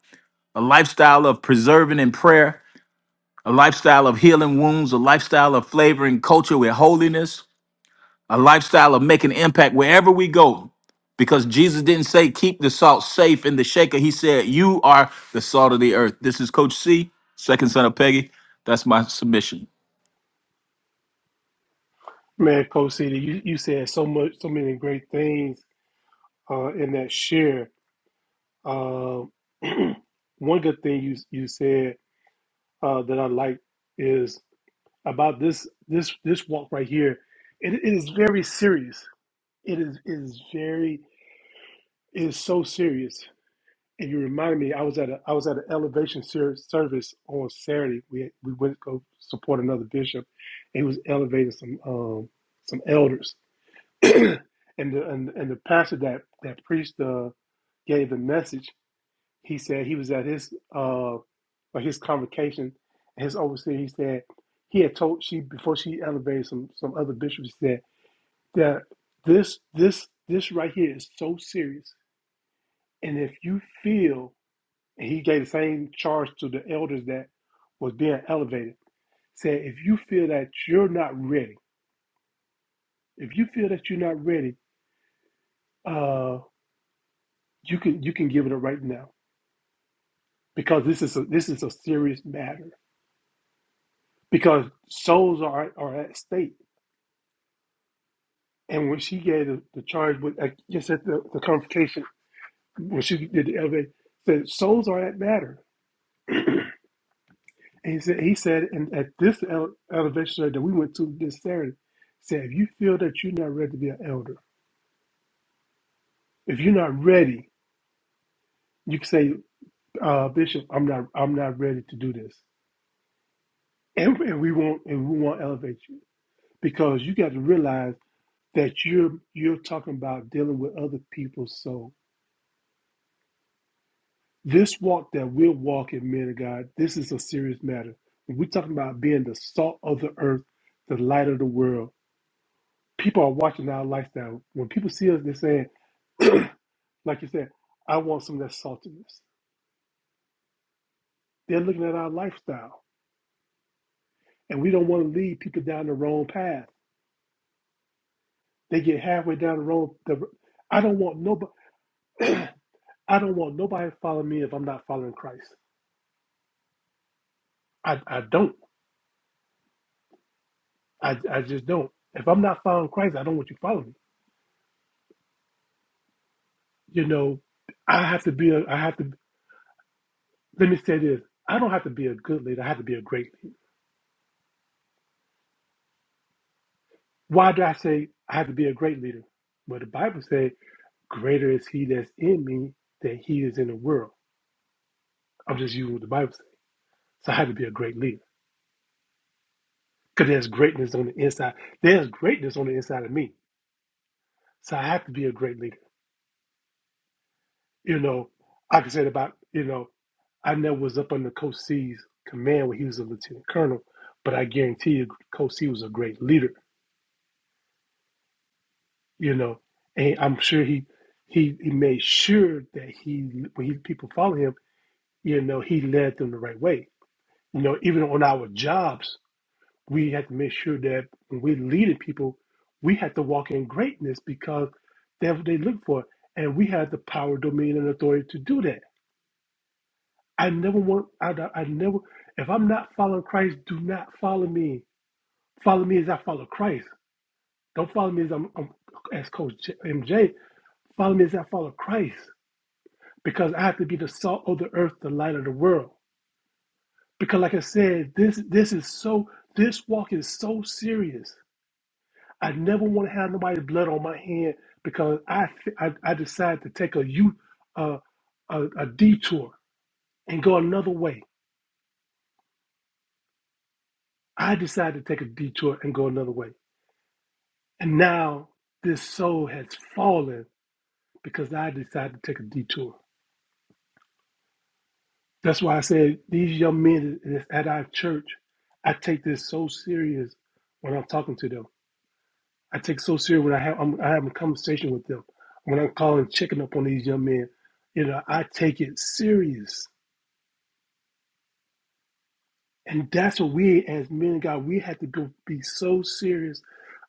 S2: a lifestyle of preserving in prayer, a lifestyle of healing wounds, a lifestyle of flavoring culture with holiness, a lifestyle of making impact wherever we go. Because Jesus didn't say keep the salt safe in the shaker. He said you are the salt of the earth. This is Coach C, second son of Peggy. That's my submission.
S1: Man, Coach C, you, you said so much, so many great things uh, in that share. Uh, one good thing you you said uh, that I like is. about this this this walk right here. It, it is very serious. It is it is very it is so serious. And you remind me, I was at a I was at an elevation ser- service on Saturday. We we went to go support another bishop, and he was elevating some um some elders, and the and, and the pastor that that preached uh, gave the message. He said he was at his uh or his convocation, his overseer. He said he had told she before she elevated some some other bishops. He said that this this this right here is so serious, and if you feel, and he gave the same charge to the elders that was being elevated. Said if you feel that you're not ready, if you feel that you're not ready, uh, you can you can give it up right now because this is a, this is a serious matter because souls are are at stake And when she gave the, the charge with, I guess at the, the confrontation, when she did the elevation, said, souls are at matter. And he said, he said, and at this ele- elevation that we went to this Saturday, said, if you feel that you're not ready to be an elder, if you're not ready, you can say, uh, Bishop, I'm not, I'm not ready to do this. And, and we won't, and we won't elevate you because you got to realize that you're, you're talking about dealing with other people's souls This walk that we're walking, men of God, this is a serious matter. When we're talking about being the salt of the earth, the light of the world, people are watching our lifestyle. When people see us, they're saying, like you said, I want some of that saltiness. They're looking at our lifestyle, and we don't want to lead people down the wrong path. They get halfway down the wrong. The, I don't want nobody. I don't want nobody to follow me if I'm not following Christ. I, I don't. I, I just don't. If I'm not following Christ, I don't want you following me. you know, I have to be a, I have to, let me say this. I don't have to be a good leader. I have to be a great leader. Why do I say I have to be a great leader? Well, the Bible says, greater is he that's in me than he is in the world. I'm just using what the Bible says. So I have to be a great leader because there's greatness on the inside. There's greatness on the inside of me. So I have to be a great leader. You know, like I can say about, you know, I never was up under Coach C's command when he was a lieutenant colonel, but I guarantee you Coach C was a great leader you know, and I'm sure he he he made sure that he when he, people follow him, you know, he led them the right way. You know, even on our jobs, we have to make sure that when we're leading people, we have to walk in greatness because that's what they look for, and we have the power, dominion, and authority to do that. I never want I I never if I'm not following Christ, do not follow me. Follow me as I follow Christ. Don't follow me as I'm, I'm as Coach J- MJ. Follow me as I follow Christ because I have to be the salt of the earth, the light of the world. Because like I said, this this is so this walk is so serious. I never want to have nobody's blood on my hand because I I, I decide to take a you uh, a, a detour and go another way. I decided to take a detour and go another way, and now this soul has fallen because I decided to take a detour. That's why I said these young men that's at our church, I take this so serious when I'm talking to them. I take so serious when I have I'm, I have a conversation with them. When I'm calling, checking up on these young men, you know, I take it serious, and that's what we as men of God we have to go be so serious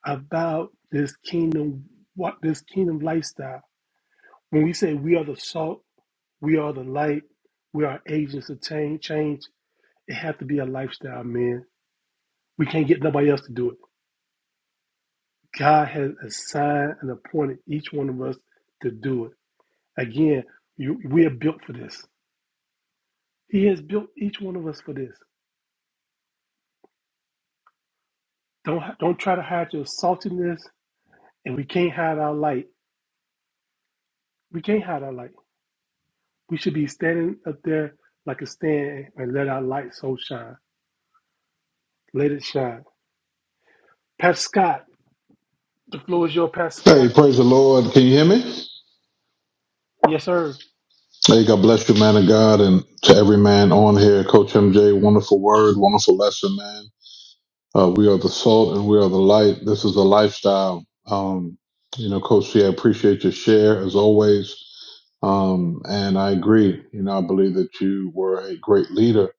S1: about this kingdom, what this kingdom lifestyle. When we say we are the salt, we are the light, we are agents of change. Change. It has to be a lifestyle, man We can't get nobody else to do it. God has assigned and appointed each one of us to do it. Again, you, we are built for this. He has built each one of us for this. Don't don't try to hide your saltiness, and we can't hide our light. We can't hide our light. We should be standing up there like a stand and let our light so shine. Let it shine. Pastor Scott, the floor is your Pastor Scott.
S3: Hey, praise the Lord. Can you hear me?
S1: Yes, sir.
S3: Hey, God bless you, man of God, and to every man on here. Coach MJ, wonderful word, wonderful lesson, man. Uh, we are the salt and we are the light. This is a lifestyle. Um, you know, Coach C, I appreciate your share as always. Um, and I agree. You know, I believe that you were a great leader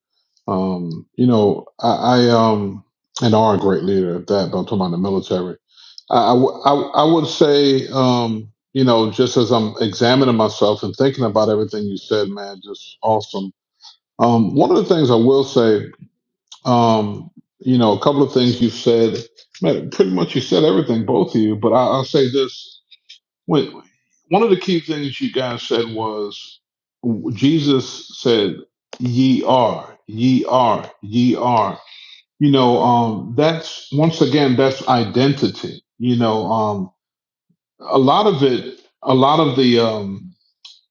S3: Um, you know, I, I um and are a great leader at that, but I'm talking about the military. I, I, w- I- I would say, um, you know, just as I'm examining myself and thinking about everything you said, man, just awesome. Um, one of the things I will say, um, you know, a couple of things you've said, man, pretty much you said everything, both of you, but I, I'll say this. Wait, one of the key things you guys said was Jesus said, "Ye are, ye are, ye are." You know, um, that's once again that's identity. You know, um, a lot of it, a lot of the um,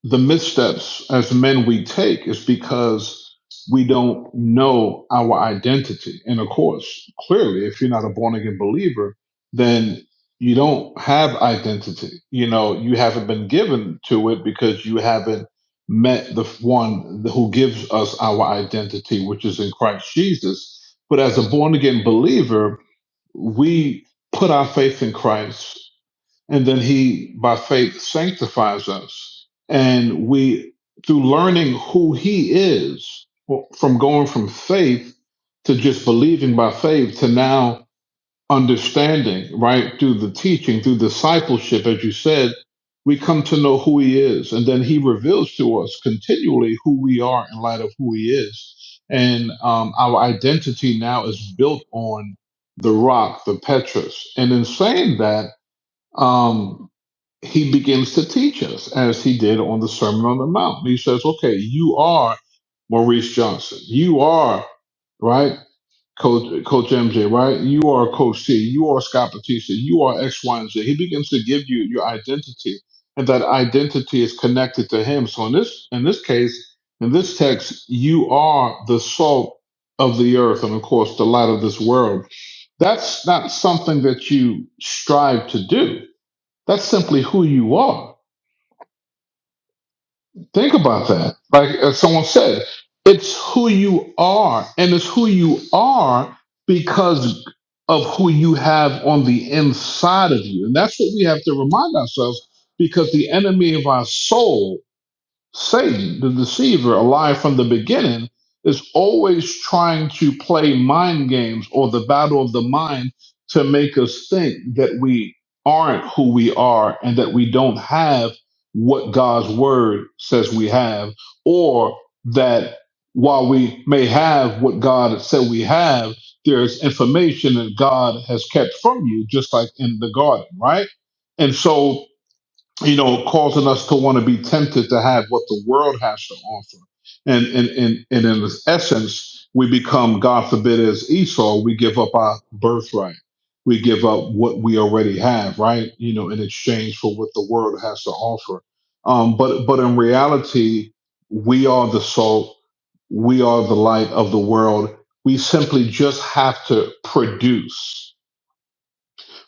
S3: the missteps as men we take is because we don't know our identity. And of course, clearly, if you're not a born again believer, then you don't have identity. You know, you haven't been given to it because you haven't met the one who gives us our identity, which is in Christ Jesus. But as a born again believer, we put our faith in Christ and then he, by faith, sanctifies us. And we, through learning who he is, well, from going from faith to just believing by faith to now understanding, right, through the teaching, through discipleship, as you said, we come to know who he is. And then he reveals to us continually who we are in light of who he is. And um, our identity now is built on the rock, the Petrus. And in saying that, um, he begins to teach us as he did on the Sermon on the Mount. He says, okay, you are Maurice Johnson. You are, right? Coach, Coach MJ, right? You are Coach C. You are Scott Batista. You are X, Y, and Z. He begins to give you your identity and that identity is connected to him. So in this, in this case, in this text, you are the salt of the earth and of course the light of this world. That's not something that you strive to do. That's simply who you are Think about that. Like as someone said, it's who you are, and it's who you are because of who you have on the inside of you. And that's what we have to remind ourselves because the enemy of our soul Satan, the deceiver, alive from the beginning, is always trying to play mind games or the battle of the mind to make us think that we aren't who we are and that we don't have what God's word says we have, or that while we may have what God said we have, there's information that God has kept from you, just like in the garden, right? And so you know, causing us to want to be tempted to have what the world has to offer. And and and, and in this essence, we become, God forbid, as Esau, we give up our birthright. We give up what we already have, right? You know, in exchange for what the world has to offer. Um, but but in reality, we are the salt, we are the light of the world. We simply just have to produce.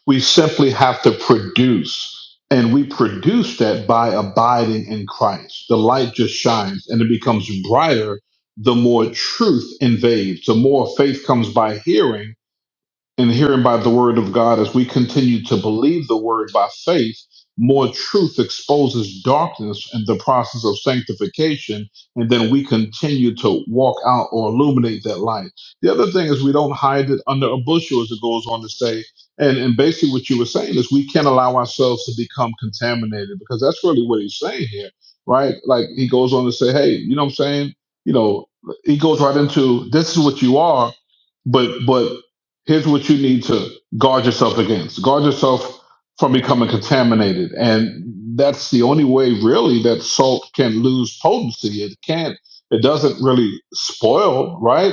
S3: We simply have to produce, and we produce that by abiding in Christ. The light just shines and it becomes brighter the more truth invades, the more faith comes by hearing and hearing by the word of God, as we continue to believe the word by faith, more truth exposes darkness in the process of sanctification, and then we continue to walk out or illuminate that light. The other thing is we don't hide it under a bushel, as it goes on to say. And, and basically, what you were saying is we can't allow ourselves to become contaminated because that's really what he's saying here, right? Like he goes on to say, hey, you know what I'm saying? You know, he goes right into this is what you are, but but here's what you need to guard yourself against guard yourself from becoming contaminated and that's the only way really that salt can lose potency it can't it doesn't really spoil right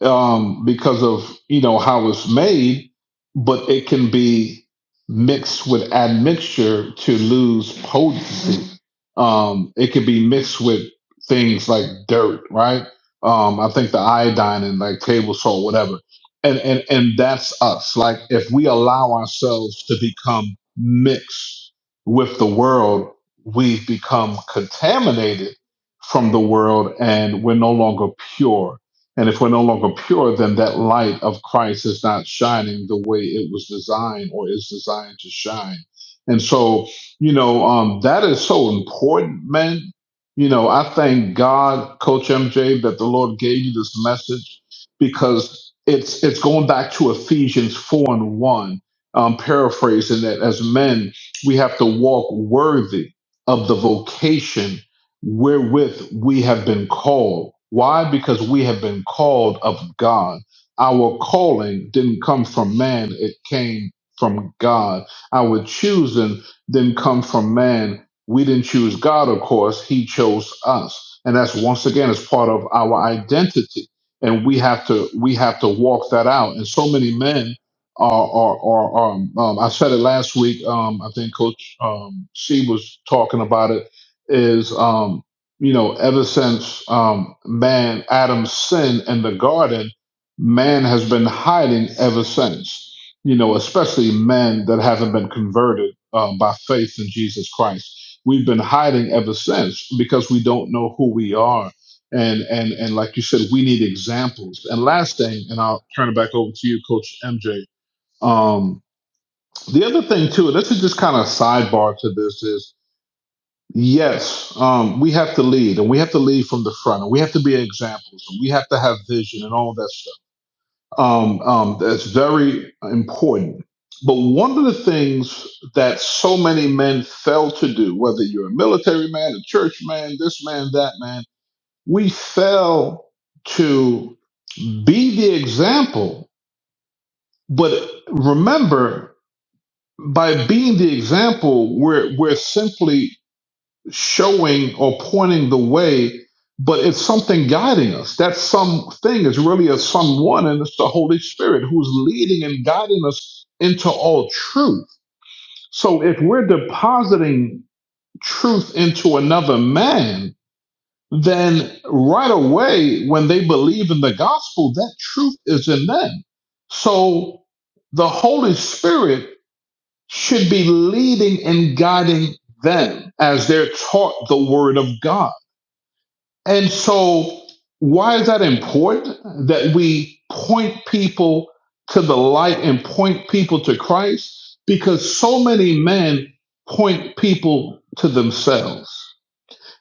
S3: um, because of you know how it's made, but it can be mixed with admixture to lose potency. Um, it could be mixed with things like dirt, right? Um, I think the iodine and like table salt, whatever. And and and that's us. Like if we allow ourselves to become mixed with the world, we've become contaminated from the world, and we're no longer pure and if we're no longer pure, then that light of Christ is not shining the way it was designed or is designed to shine. And so, you know, um, that is so important, man. You know, I thank God, Coach MJ, that the Lord gave you this message because it's it's going back to Ephesians four and one, um, paraphrasing that as men we have to walk worthy of the vocation wherewith we have been called. Why? Because we have been called of God. Our calling didn't come from man, it came from God. Our choosing didn't come from man. We didn't choose God, of course, He chose us. And that's once again as part of our identity. And we have to we have to walk that out. And so many men are are, are, are um, I said it last week. Um, I think Coach um, C was talking about it is um you know ever since um man adam's sin in the garden man has been hiding ever since you know especially men that haven't been converted um, by faith in jesus christ we've been hiding ever since because we don't know who we are and and and like you said we need examples and last thing and i'll turn it back over to you coach mj um the other thing too and this is just kind of sidebar to this is Yes, um, we have to lead, and we have to lead from the front, and we have to be examples, and we have to have vision and all that stuff. Um, um, that's very important. But one of the things that so many men fail to do, whether you're a military man, a church man, this man, that man, we fail to be the example. But remember, by being the example, we're we're simply showing or pointing the way, but it's something guiding us. That something is really a someone, and it's the Holy Spirit who's leading and guiding us into all truth. So if we're depositing truth into another man, then right away, when they believe in the gospel, that truth is in them. So the Holy Spirit should be leading and guiding them as they're taught the word of God. And so, why is that important that we point people to the light and point people to Christ? Because so many men point people to themselves.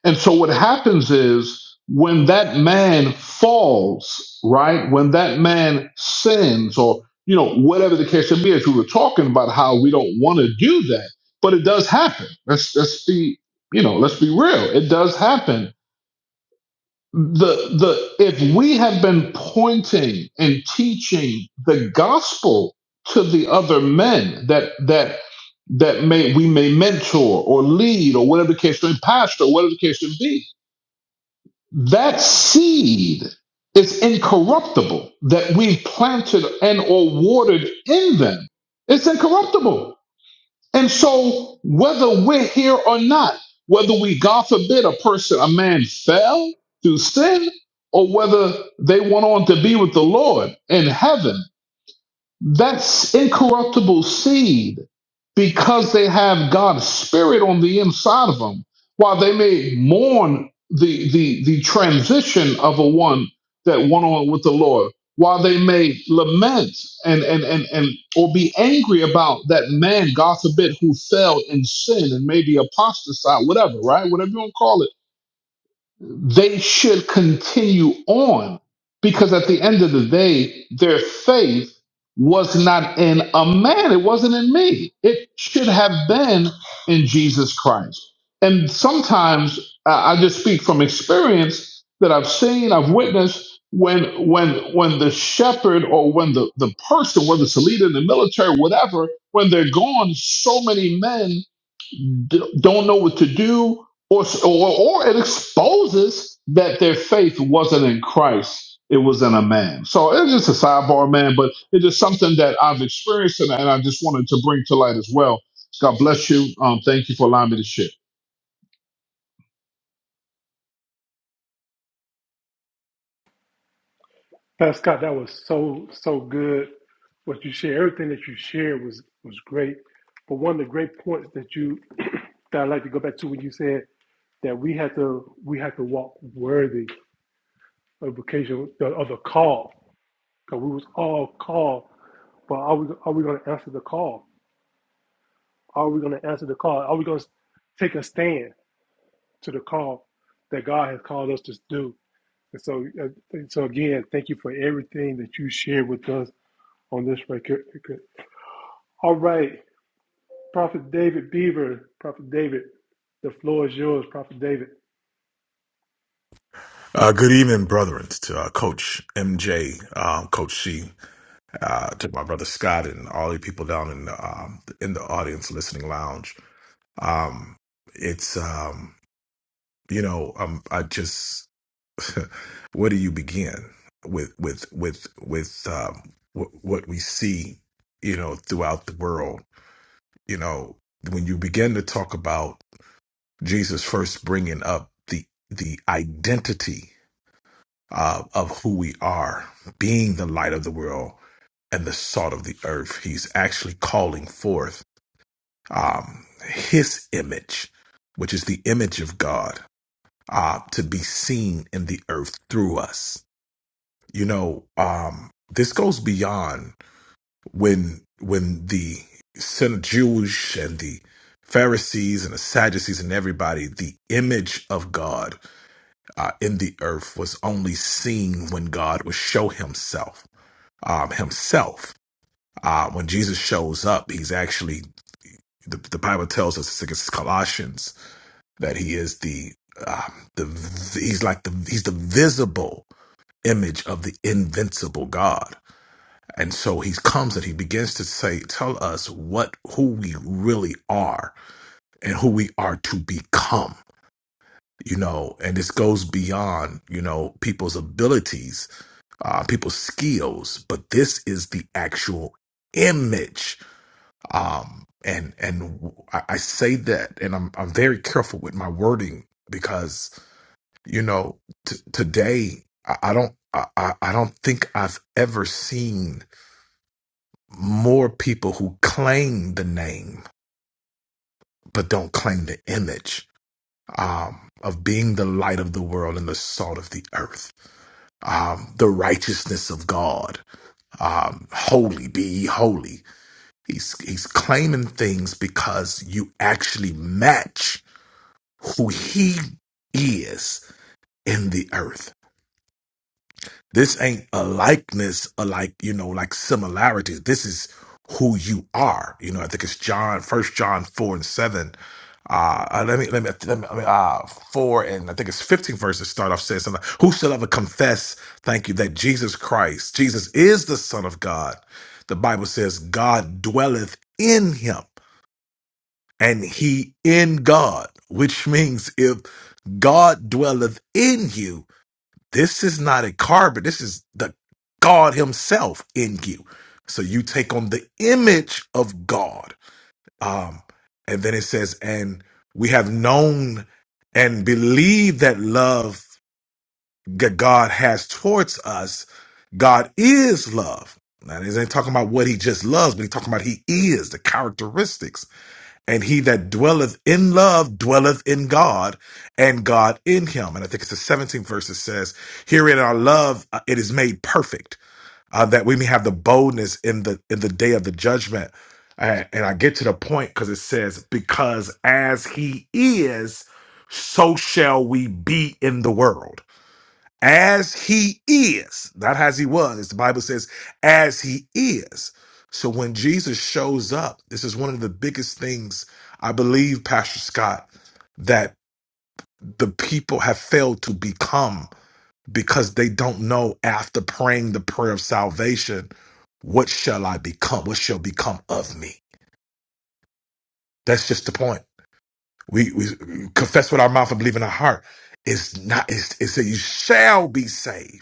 S3: And so, what happens is when that man falls, right? When that man sins, or, you know, whatever the case may be, as we were talking about how we don't want to do that, but it does happen. Let's, let's be, you know, let's be real. It does happen the the if we had been pointing and teaching the gospel to the other men that that that may we may mentor or lead or whatever the case may be, pastor whatever the case may be that seed is incorruptible that we planted and or watered in them it's incorruptible and so, whether we're here or not, whether we, God forbid, a person, a man fell through sin, or whether they went on to be with the Lord in heaven, that's incorruptible seed because they have God's spirit on the inside of them. While they may mourn the the the transition of a one that went on with the Lord, while they may lament and and and and or be angry about that man, God forbid, who fell in sin and maybe apostatized, whatever, right? Whatever you want to call it they should continue on because at the end of the day, their faith was not in a man, it wasn't in me. It should have been in Jesus Christ. And sometimes I I just speak from experience that I've seen, I've witnessed when when when the shepherd or when the, the person, whether it's a leader in the military, whatever, when they're gone, so many men d- don't know what to do, or, or or it exposes that their faith wasn't in Christ; it was in a man. So it's just a sidebar, man, but it is something that I've experienced, and, and I just wanted to bring to light as well. God bless you. Um, thank you for allowing me to share.
S1: Pastor Scott, that was so so good. What you shared, everything that you shared was was great. But one of the great points that you that I'd like to go back to when you said that we had to we had to walk worthy of vocation of the call. Because we was all called, but are we are we gonna answer the call? Are we gonna answer the call? Are we gonna take a stand to the call that God has called us to do? And so uh, so again, thank you for everything that you shared with us on this record. All right, Prophet David Beaver, Prophet David, the floor is yours, Prophet David.
S4: Uh, good evening, brethren, to uh, Coach MJ, um, Coach C, uh, to my brother Scott, and all the people down in the, um, in the audience listening lounge. Um, it's um, you know, um, I just where do you begin with with with with um, w- what we see, you know, throughout the world. You know, when you begin to talk about Jesus first bringing up the the identity. uh, of who we are, being the light of the world and the salt of the earth. He's actually calling forth um, his image, which is the image of God, uh, to be seen in the earth through us. You know, um, this goes beyond when when the Jews and the Pharisees and the Sadducees and everybody, the image of God uh, in the earth was only seen when God would show himself um, himself. Uh, when Jesus shows up, he's actually the, the Bible tells us, I think it's Colossians, that he is the um, the he's like the he's the visible image of the invincible God, and so he comes and he begins to say, tell us what who we really are and who we are to become. You know, and this goes beyond you know people's abilities, uh, people's skills, but this is the actual image Um, and and I, I say that, and I'm I'm very careful with my wording because you know t- today I, I don't I, I I don't think I've ever seen more people who claim the name but don't claim the image um, of being the light of the world and the salt of the earth, um, the righteousness of God, um, holy be ye holy. He's he's claiming things because you actually match who he is in the earth. This ain't a likeness, a like, you know, like similarities. This is who you are. You know, I think it's John, first John four and seven. Uh, uh, let me, let me, let me, I mean, uh, four and I think it's 15 verses start off saying something. like, Whosoever confess, thank you, that Jesus Christ, Jesus is the son of God. The Bible says God dwelleth in him and he in God, which means if God dwelleth in you, this is not a carbon, this is the God Himself in you. So you take on the image of God. Um, and then it says, and we have known and believe that love that God has towards us, God is love. Now, he's ain't talking about what he just loves, but he's talking about he is the characteristics and he that dwelleth in love dwelleth in God, and God in him. And I think it's the 17th verse that says, Herein our love uh, it is made perfect, uh, that we may have the boldness in the in the day of the judgment. Uh, and I get to the point because it says, Because as he is, so shall we be in the world as he is, not as he was. As The Bible says, as he is. So when Jesus shows up, this is one of the biggest things I believe, Pastor Scott, that the people have failed to become because they don't know after praying the prayer of salvation, what shall I become? What shall become of me? That's just the point. We, we confess with our mouth and believe in our heart. It's not, it's, it's that you shall be saved.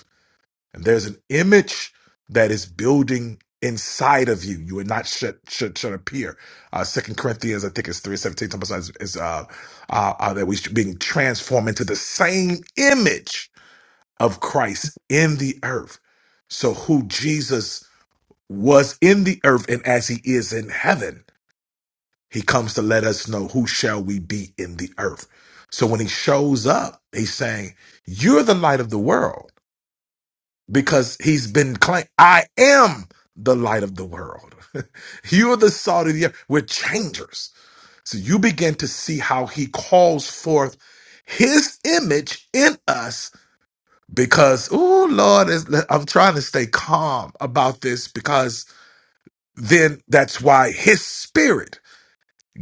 S4: And there's an image that is building inside of you. You are not should should should appear. Uh Second Corinthians, I think it's three seventeen. Something like that is, is uh, uh, uh that we should being transformed into the same image of Christ in the earth. So who Jesus was in the earth and as he is in heaven, he comes to let us know who shall we be in the earth. So when he shows up, he's saying, You're the light of the world because he's been claimed. I am the light of the world. you are the salt of the earth. We're changers. So you begin to see how he calls forth his image in us because, oh Lord, is- I'm trying to stay calm about this because then that's why his spirit.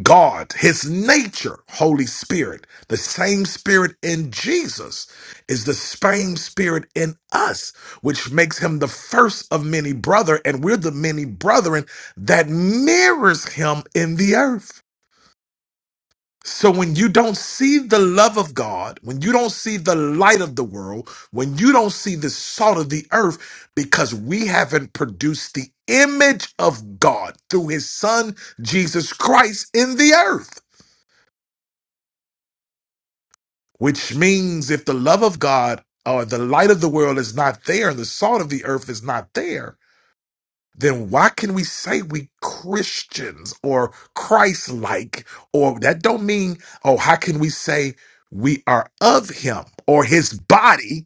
S4: God, his nature, Holy Spirit, the same spirit in Jesus is the same spirit in us, which makes him the first of many brother, and we're the many brethren that mirrors him in the earth. So when you don't see the love of God, when you don't see the light of the world, when you don't see the salt of the earth, because we haven't produced the image of God through his son, Jesus Christ, in the earth which means if the love of God or the light of the world is not there and the salt of the earth is not there, then why can we say we Christians or Christ like? Or that don't mean, oh, how can we say we are of him or his body?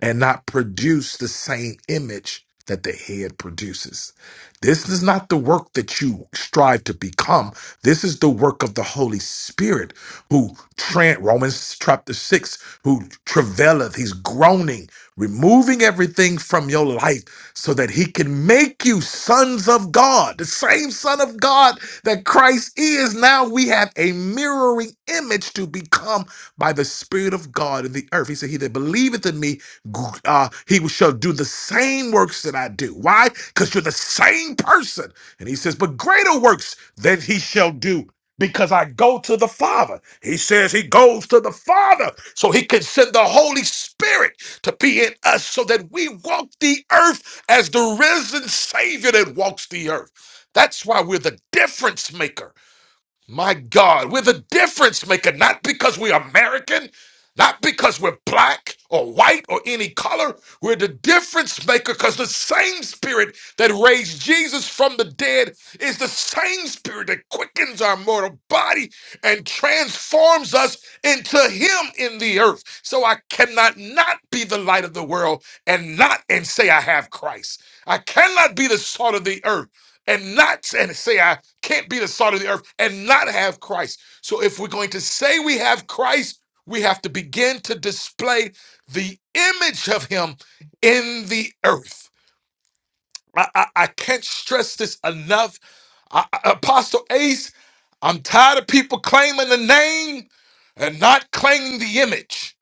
S4: and not produce the same image that the head produces. This is not the work that you strive to become. This is the work of the Holy Spirit who tran Romans chapter 6 who travaileth he's groaning removing everything from your life so that he can make you sons of God. The same son of God that Christ is now we have a mirroring image to become by the Spirit of God in the earth. He said, He that believeth in me, uh, he shall do the same works that I do. Why? Because you're the same person. And he says, but greater works than he shall do because I go to the Father. He says he goes to the Father so he can send the Holy Spirit to be in us so that we walk the earth as the risen Savior that walks the earth. That's why we're the difference maker. My God, we're the difference maker, not because we're American, not because we're black or white or any color. We're the difference maker because the same spirit that raised Jesus from the dead is the same spirit that quickens our mortal body and transforms us into Him in the earth. So I cannot not be the light of the world and not and say I have Christ. I cannot be the salt of the earth and not and say I can't be the salt of the earth and not have Christ. So if we're going to say we have Christ, we have to begin to display the image of him in the earth. I, I, I can't stress this enough. I, I- Apostle Ace, I'm tired of people claiming the name and not claiming the image.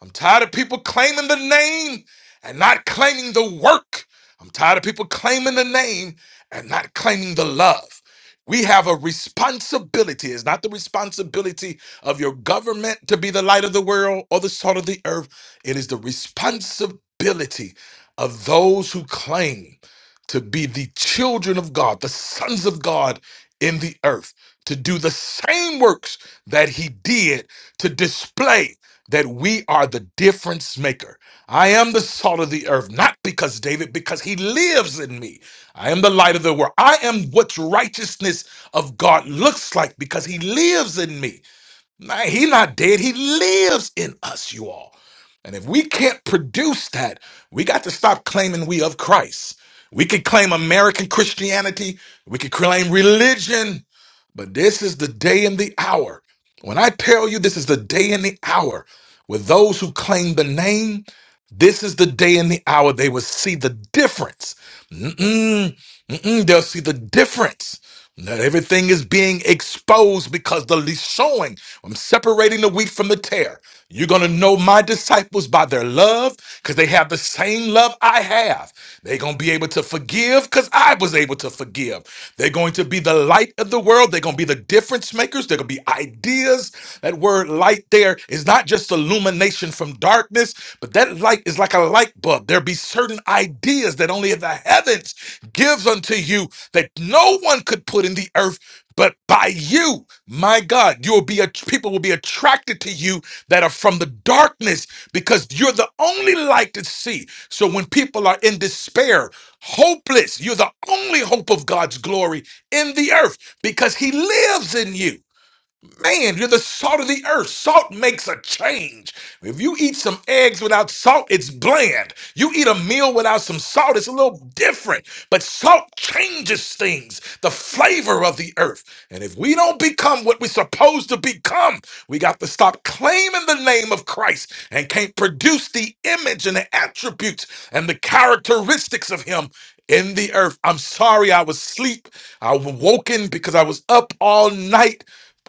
S4: I'm tired of people claiming the name and not claiming the work. I'm tired of people claiming the name and not claiming the love. We have a responsibility. It's not the responsibility of your government to be the light of the world or the salt of the earth. It is the responsibility of those who claim to be the children of God, the sons of God in the earth, to do the same works that He did to display that we are the difference maker. I am the salt of the earth, not because David, because he lives in me. I am the light of the world. I am what righteousness of God looks like because he lives in me. Man, he not dead. He lives in us, you all. And if we can't produce that, we got to stop claiming we of Christ. We could claim American Christianity. We could claim religion. But this is the day and the hour. When I tell you this is the day and the hour with those who claim the name, this is the day and the hour they will see the difference. Mm-mm. Mm-mm, they'll see the difference. That everything is being exposed because the le- showing. I'm separating the wheat from the tare. You're gonna know my disciples by their love, because they have the same love I have. They're gonna be able to forgive because I was able to forgive. They're going to be the light of the world. They're gonna be the difference makers. They're gonna be ideas. That word light there is not just illumination from darkness. But that light is like a light bulb. There be certain ideas that only the heavens gives unto you that no one could put in the earth but by you. My God, you will be a, people will be attracted to you that are from the darkness because you're the only light to see. So when people are in despair, hopeless, you're the only hope of God's glory in the earth because he lives in you. Man, you're the salt of the earth. Salt makes a change. If you eat some eggs without salt, it's bland. You eat a meal without some salt, it's a little different. But salt changes things, the flavor of the earth. And if we don't become what we're supposed to become, we got to stop claiming the name of Christ and can't produce the image and the attributes and the characteristics of Him in the earth. I'm sorry I was asleep. I was woken because I was up all night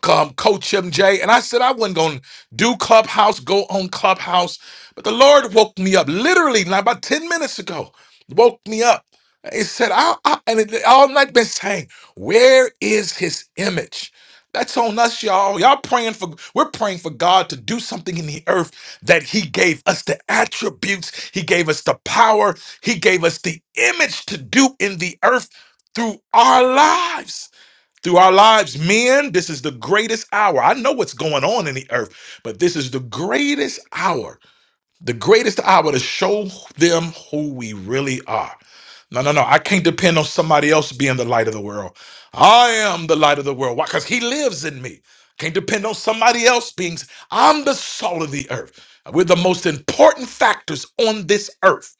S4: um, Coach MJ. And I said I wasn't going to do Clubhouse, go on Clubhouse. But the Lord woke me up literally not about 10 minutes ago, woke me up. He said, I, I, and it, all night been saying, where is his image? That's on us, y'all. Y'all praying for, we're praying for God to do something in the earth that he gave us the attributes, he gave us the power, he gave us the image to do in the earth through our lives through our lives. Men, this is the greatest hour. I know what's going on in the earth, but this is the greatest hour, the greatest hour to show them who we really are. No, no, no. I can't depend on somebody else being the light of the world. I am the light of the world. Why? Because he lives in me. Can't depend on somebody else being. I'm the salt of the earth. We're the most important factors on this earth.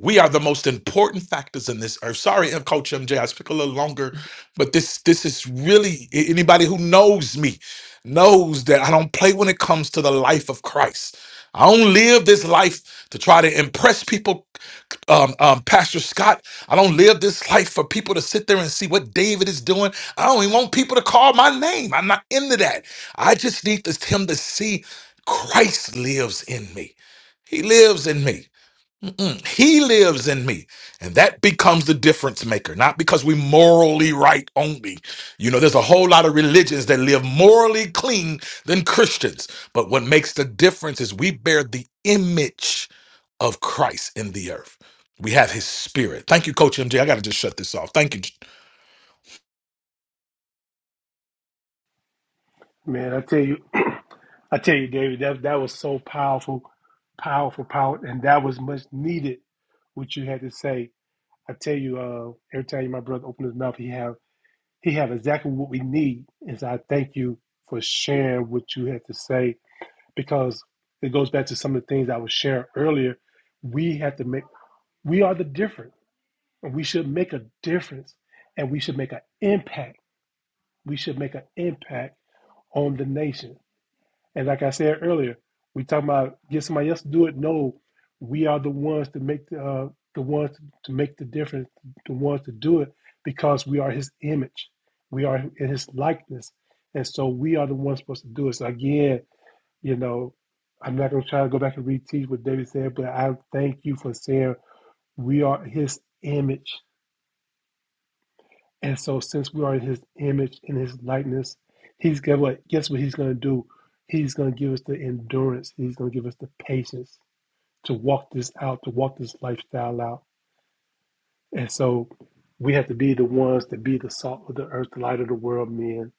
S4: We are the most important factors in this earth. Sorry, M. am Coach MJ, speak a little longer, but this this is really a- anybody who knows me knows that I don't play when it comes to the life of Christ. I don't live this life to try to impress people, um, um, Pastor Scott. I don't live this life for people to sit there and see what David is doing. I don't even want people to call my name. I'm not into that. I just need this, him to see Christ lives in me. He lives in me. Mm, he lives in me. And that becomes the difference maker, not because we morally right only. You know, there's a whole lot of religions that live morally clean than Christians. But what makes the difference is we bear the image of Christ in the earth. We have his spirit. Thank you, Coach MJ. I got to just shut this off. Thank you.
S1: Man, I tell you, I tell you, David, that that was so powerful, powerful, power, and that was much needed. What you had to say, I tell you, uh, every time my brother opened his mouth, he have he have exactly what we need. And so I thank you for sharing what you had to say because it goes back to some of the things I was sharing earlier. We have to make we are the difference. And we should make a difference and we should make an impact. We should make an impact on the nation. And like I said earlier, we talking about get somebody else to do it. No, we are the ones to make the uh, the ones to make the difference, the ones to do it because we are His image, we are in His likeness, and so we are the ones supposed to do it. So again, you know, I'm not gonna try to go back and reteach what David said, but I thank you for saying we are His image And so, since we are in His image, in His likeness, He's got what? Guess what He's going to do? He's going to give us the endurance. He's going to give us the patience to walk this out, to walk this lifestyle out. And so, we have to be the ones to be the salt of the earth, the light of the world, men.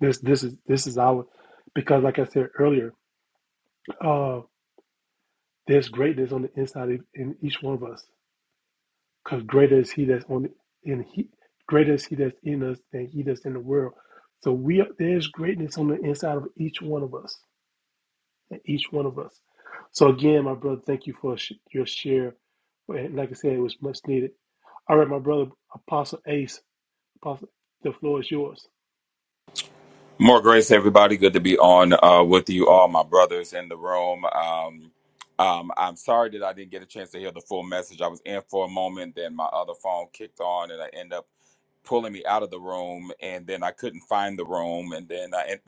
S1: This, this is, this is our, because like I said earlier, uh, there's greatness on the inside in each one of us. because greater is he that's on in he greater is he that's in us than he that's in the world so we are, there's greatness on the inside of each one of us and each one of us so again my brother thank you for sh- your share and like i said it was much needed all right my brother apostle ace apostle the floor is yours
S5: More grace, everybody. Good to be on uh, with you all, my brothers in the room. Um, um, I'm sorry that I didn't get a chance to hear the full message. I was in for a moment, then my other phone kicked on, and I end up pulling me out of the room, and then I couldn't find the room, and then I, it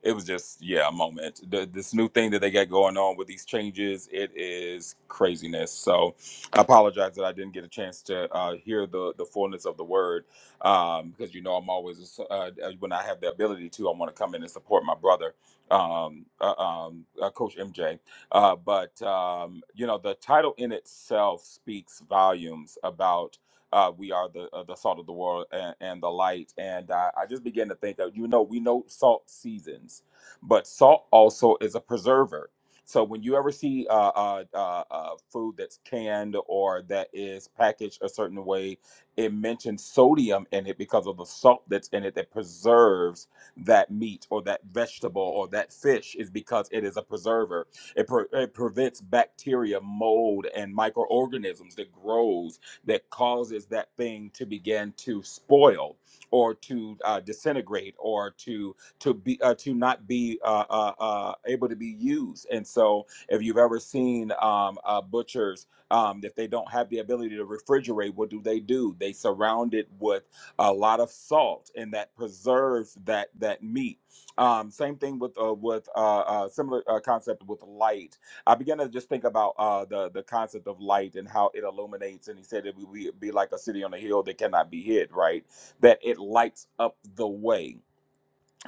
S5: it was just yeah, a moment. The, this new thing that they got going on with these changes, it is craziness. So I apologize that I didn't get a chance to uh, hear the the fullness of the word um, because you know I'm always uh, uh, when I have the ability to, I want to come in and support my brother, um, uh, um, uh, Coach MJ. Uh, but um, you know the title in itself speaks volumes about. Uh, we are the uh, the salt of the world and, and the light, and uh, I just began to think that you know we know salt seasons, but salt also is a preserver. So when you ever see uh, uh, uh, uh, food that's canned or that is packaged a certain way, it mentions sodium in it because of the salt that's in it that preserves that meat or that vegetable or that fish is because it is a preserver it, pre- it prevents bacteria mold and microorganisms that grows that causes that thing to begin to spoil or to uh, disintegrate or to to be uh, to not be uh, uh, uh, able to be used and so if you've ever seen um, uh, butchers um, if they don't have the ability to refrigerate, what do they do? They surround it with a lot of salt, and that preserves that that meat. Um, same thing with uh, with uh, uh, similar uh, concept with light. I began to just think about uh, the the concept of light and how it illuminates. And he said it would be like a city on a hill that cannot be hid. Right, that it lights up the way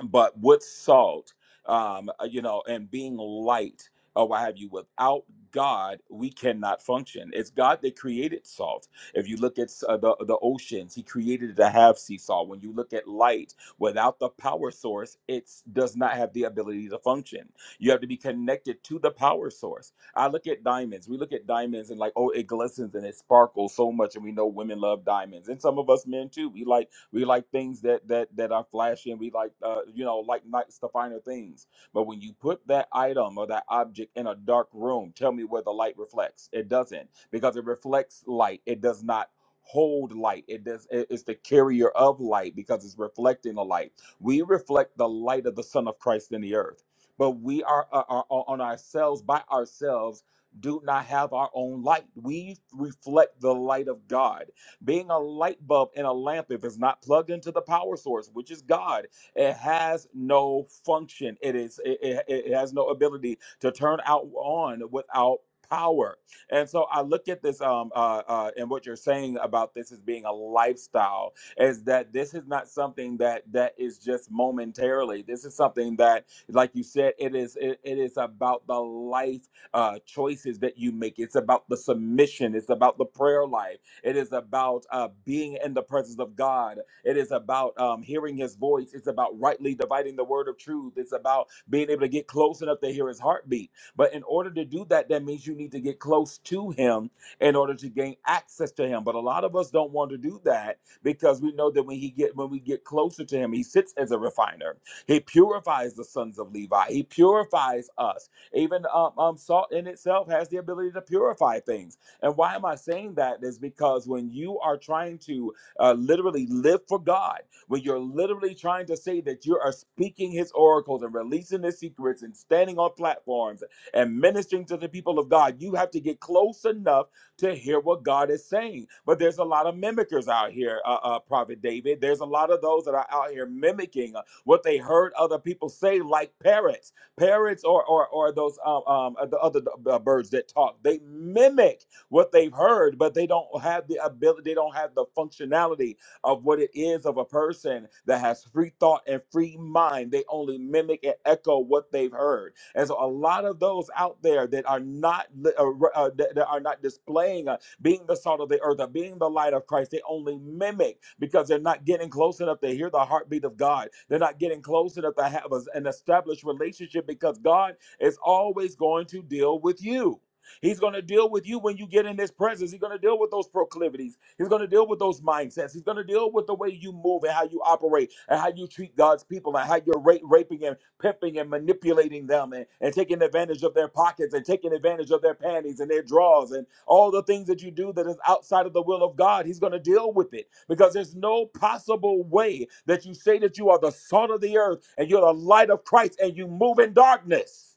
S5: but with salt, um, uh, you know, and being light or what have you, without God, we cannot function. It's God that created salt. If you look at uh, the, the oceans, He created it to have sea salt. When you look at light, without the power source, it does not have the ability to function. You have to be connected to the power source. I look at diamonds. We look at diamonds and like, oh, it glistens and it sparkles so much, and we know women love diamonds, and some of us men too. We like we like things that that that are flashy, and we like uh, you know like nice the finer things. But when you put that item or that object in a dark room, tell me where the light reflects. It doesn't because it reflects light. It does not hold light. It does. it- It's the carrier of light because it's reflecting the light. We reflect the light of the Son of Christ in the earth. But we are, are, are on ourselves by ourselves do not have our own light. We reflect the light of God. Being a light bulb in a lamp, if it's not plugged into the power source, which is God, it has no function. It is it, it, it has no ability to turn out on without power. And so I look at this um uh, uh and what you're saying about this as being a lifestyle is that this is not something that that is just momentarily. This is something that like you said it is it, it is about the life uh choices that you make. It's about the submission, it's about the prayer life. It is about uh, being in the presence of God. It is about um, hearing His voice. It's about rightly dividing the word of truth. It's about being able to get close enough to hear His heartbeat. But in order to do that, that means you need to get close to Him in order to gain access to Him. But a lot of us don't want to do that because we know that when He get when we get closer to Him, He sits as a refiner. He purifies the sons of Levi. He purifies us. Even um, um, salt in itself has the ability to purify things. And why am I saying that is because when you are trying to uh, literally live for God, when you're literally trying to say that you are speaking his oracles and releasing his secrets and standing on platforms and ministering to the people of God, you have to get close enough to hear what God is saying. But there's a lot of mimickers out here, uh, uh, Prophet David. There's a lot of those that are out here mimicking what they heard other people say, like parrots. Parrots or or, or those um, um, the other uh, birds that talk, they mimic what they've heard, but they don't have the ability, they don't have the functionality of what it is of a person that has free thought and free mind. They only mimic and echo what they've heard. And so a lot of those out there that are not li- uh, re- uh, that that are not displaying uh, being the salt of the earth or being the light of Christ, they only mimic because they're not getting close enough to hear the heartbeat of God. They're not getting close enough to have a- an established relationship because God is always going to deal with you. He's going to deal with you when you get in his presence. He's going to deal with those proclivities. He's going to deal with those mindsets. He's going to deal with the way you move and how you operate and how you treat God's people and how you're ra- raping and pimping and manipulating them and, and taking advantage of their pockets and taking advantage of their panties and their drawers and all the things that you do that is outside of the will of God. He's going to deal with it because there's no possible way that you say that you are the salt of the earth and you're the light of Christ and you move in darkness.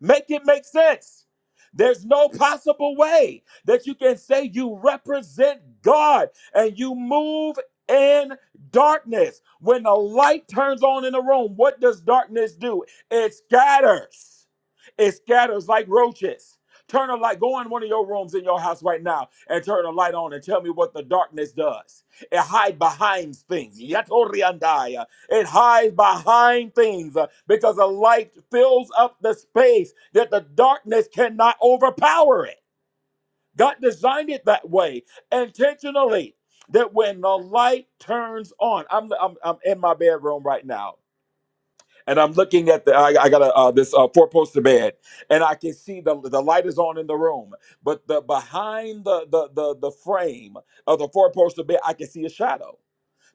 S5: Make it make sense. There's no possible way that you can say you represent God and you move in darkness. When the light turns on in the room, what does darkness do? It scatters. It scatters like roaches. Turn a light, go in one of your rooms in your house right now and turn a light on and tell me what the darkness does. It hide behind things. It hides behind things uh, because the light fills up the space that the darkness cannot overpower it. God designed it that way intentionally. That when the light turns on, I'm I'm, I'm in my bedroom right now, and I'm looking at the I, I got a uh, this uh, four poster bed, and I can see the the light is on in the room, but the behind the the the, the frame of the four poster bed, I can see a shadow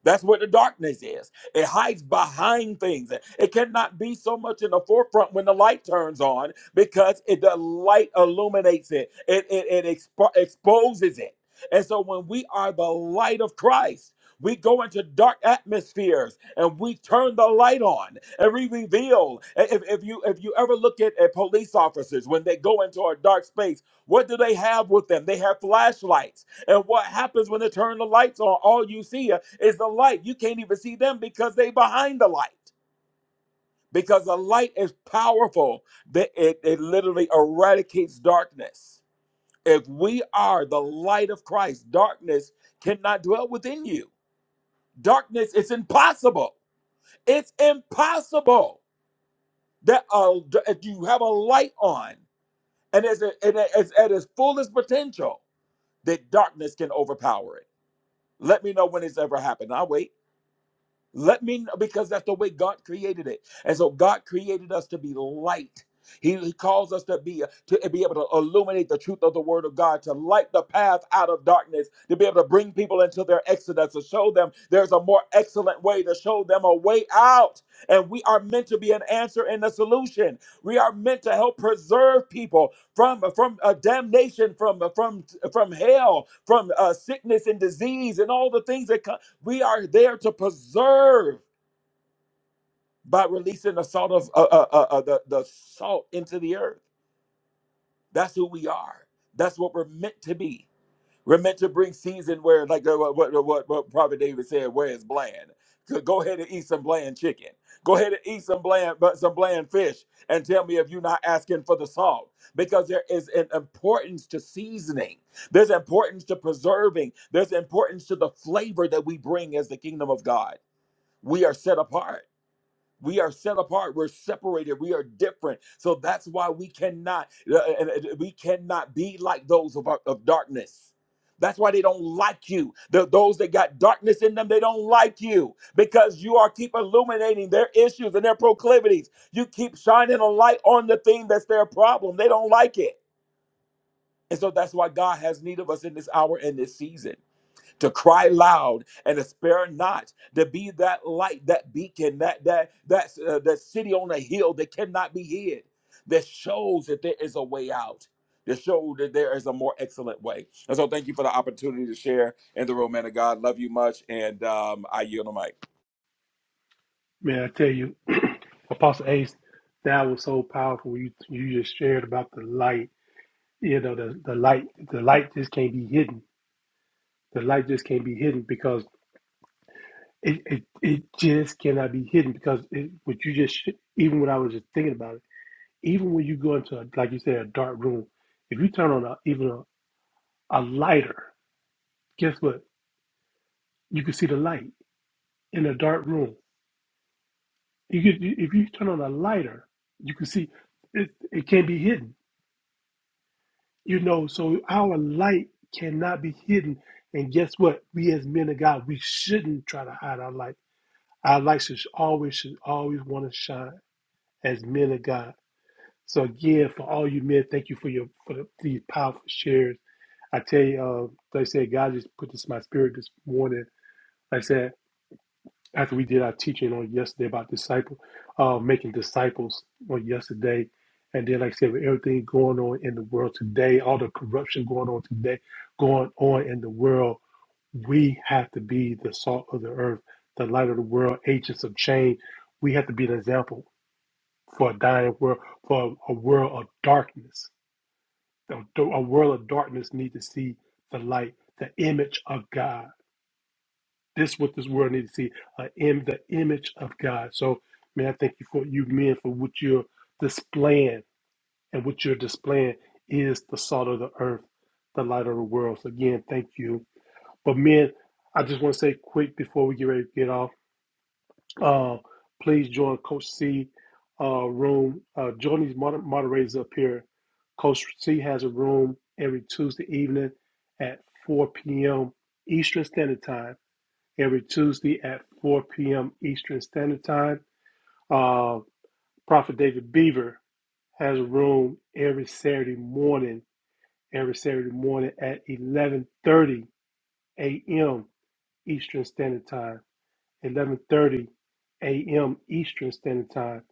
S5: that's what the darkness is. It hides behind things. It cannot be so much in the forefront when the light turns on because it, the light illuminates it, it, it, it expo- exposes it. And so when we are the light of Christ, we go into dark atmospheres and we turn the light on and we reveal. If, if you if you ever look at, at police officers when they go into a dark space, what do they have with them? They have flashlights and what happens when they turn the lights on? All you see uh, is the light. You can't even see them because they behind the light. Because the light is powerful, that it, it literally eradicates darkness. If we are the light of Christ, darkness cannot dwell within you. Darkness is impossible. It's impossible that uh, if you have a light on and it's, and it's at its fullest potential, that darkness can overpower it. Let me know when it's ever happened. I'll wait. Let me know because that's the way God created it. And so God created us to be light. He, he calls us to be to be able to illuminate the truth of the word of God, to light the path out of darkness, to be able to bring people into their exodus, to show them there's a more excellent way, to show them a way out. And we are meant to be an answer and a solution. We are meant to help preserve people from from uh, damnation, from from from hell, from uh, sickness and disease, and all the things that come we are there to preserve by releasing the salt of uh, uh, uh, uh, the, the salt into the earth. That's who we are. That's what we're meant to be. We're meant to bring season where, like uh, what, what, what, what Prophet David said, where is bland? Go go ahead and eat some bland chicken. Go ahead and eat some bland, but some bland fish, and tell me if you're not asking for the salt, because there is an importance to seasoning. There's importance to preserving. There's importance to the flavor that we bring as the kingdom of God. We are set apart. We are set apart. We're separated. We are different. So that's why we cannot uh, and, uh, we cannot be like those of, our- of darkness. That's why they don't like you. The, those that got darkness in them, they don't like you because you are keep illuminating their issues and their proclivities. You keep shining a light on the thing that's their problem. They don't like it. And so that's why God has need of us in this hour and this season to cry loud and to spare not, to be that light, that beacon, that that that uh, that city on a hill that cannot be hid, that shows that there is a way out, that shows that there is a more excellent way. And so, thank you for the opportunity to share in the room, man of God. Love you much, and um, I yield the mic.
S1: man i tell you apostle ace that was so powerful you you just shared about the light you know the, the light the light just can't be hidden the light just can't be hidden because It, it it just cannot be hidden because it, what you just sh- even when I was just thinking about it, even when you go into a, like you said a dark room, if you turn on a, even a, a lighter, guess what? You can see the light in a dark room. You could you- if you turn on a lighter, you can see it. It can't be hidden, you know. So our light cannot be hidden. And guess what? We as men of God, we shouldn't try to hide our light. Our light should always should always want to shine as men of God So again, for all you men, thank you for your for the, these powerful shares. I tell you, uh, like I said, God just put this in my spirit this morning. Like I said, after we did our teaching on yesterday about disciple, uh, making disciples on yesterday, and then like I said, with everything going on in the world today, all the corruption going on today, going on in the world, we have to be the salt of the earth, the light of the world, agents of change. We have to be an example for a dying world, for a world of darkness The, the- a world of darkness need to see the light, the image of God. This is what this world need to see, uh, in the image of God. So, man, I thank you for you men for what you're displaying, and what you're displaying is the salt of the earth, the light of the world. So again, thank you. But men, I just want to say quick before we get ready to get off. Uh, please join Coach C uh, room. Uh, join these moder- moderators up here. Coach C has a room every Tuesday evening at 4 p.m. Eastern Standard Time. Every Tuesday at 4 p.m. Eastern Standard Time. Uh, Prophet David Beaver has a room every Saturday morning. Every Saturday morning at 11:30 a.m. Eastern Standard Time. 11:30 a.m. Eastern Standard Time.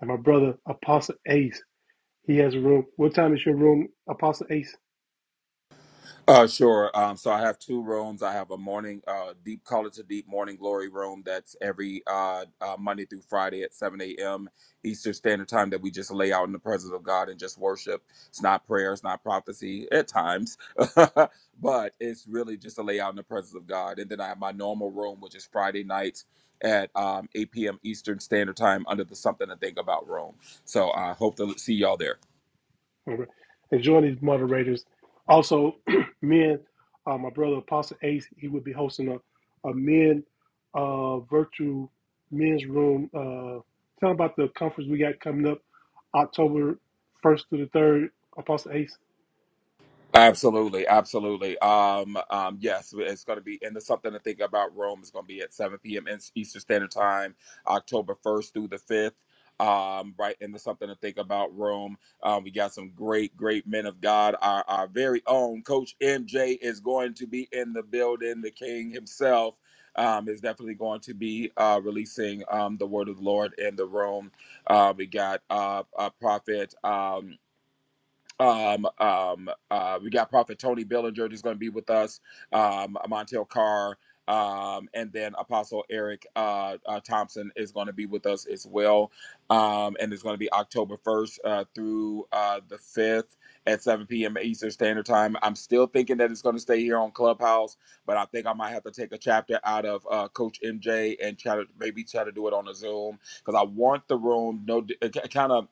S1: And my brother Apostle Ace, he has a room. What time is your room, Apostle Ace?
S5: Uh, sure. Um, so I have two rooms. I have a morning, uh, deep color to deep morning glory room. That's every uh, uh, Monday through Friday at 7 a.m. Eastern Standard Time that we just lay out in the presence of God and just worship. It's not prayer. It's not prophecy at times, but it's really just to lay out in the presence of God. And then I have my normal room, which is Friday nights at um, 8 p.m. Eastern Standard Time under the Something to Think About room. So I hope to see y'all there.
S1: All right. And join these moderators. Also, men, uh, my brother Apostle Ace, he will be hosting a, a men uh, virtual men's room. Uh, tell 'em about the conference we got coming up October 1st to the 3rd. Apostle Ace,
S5: Absolutely, absolutely. Um, um, yes, it's going to be, and there's something to think about. Rome is going to be at 7 p.m. in Eastern Standard Time, October 1st through the 5th. Um, right, and there's something to think about. Rome. Um, we got some great, great men of God. Our, our very own Coach MJ is going to be in the building. The King himself um, is definitely going to be uh, releasing um, the word of the Lord in the Rome. Uh, we got uh, a prophet. Um, um, um, uh, we got Prophet Tony Billinger that's going to be with us, um, Montel Carr, um, and then Apostle Eric uh, uh, Thompson is going to be with us as well. Um, and it's going to be October 1st uh, through uh, the 5th at 7 p.m. Eastern Standard Time. I'm still thinking that it's going to stay here on Clubhouse, but I think I might have to take a chapter out of uh, Coach MJ and try to maybe try to do it on a Zoom because I want the room, no, kind of,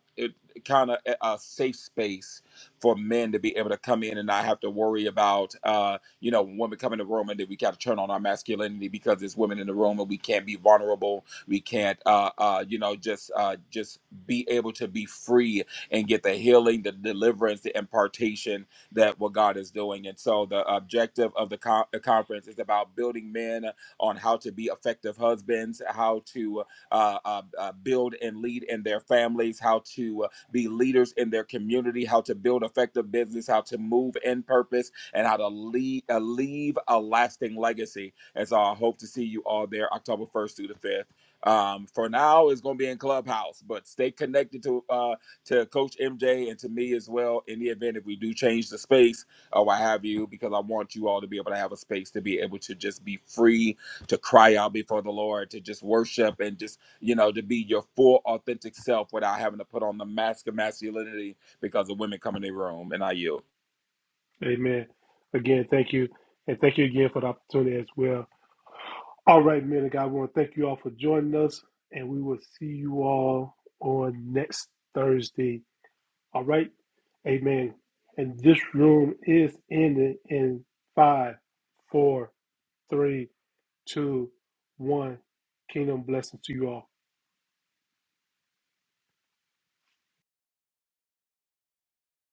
S5: kind of a safe space for men to be able to come in and not have to worry about, uh, you know, when women come in the room and then we got to turn on our masculinity because there's women in the room and we can't be vulnerable. We can't, uh, uh, you know, just uh, just be able to be free and get the healing, the deliverance, the impartation that what God is doing. And so the objective of the, co- the conference is about building men on how to be effective husbands, how to uh, uh, uh, build and lead in their families, how to be leaders in their community, how to build effective business, how to move in purpose, and how to lead, uh, leave a lasting legacy. And so I hope to see you all there October 1st through the 5th. Um, for now, it's going to be in Clubhouse, but stay connected to uh, to Coach MJ and to me as well. In the event if we do change the space or what have you, because I want you all to be able to have a space to be able to just be free, to cry out before the Lord, to just worship and just you know, to be your full authentic self without having to put on the mask of masculinity because of women come in the room. And I yield.
S1: amen. Again, thank you. And thank you again for the opportunity as well. All right, man. and God, we want to thank you all for joining us, and we will see you all on next Thursday. All right, amen. And this room is ending in five, four, three, two, one. Kingdom blessings to you all.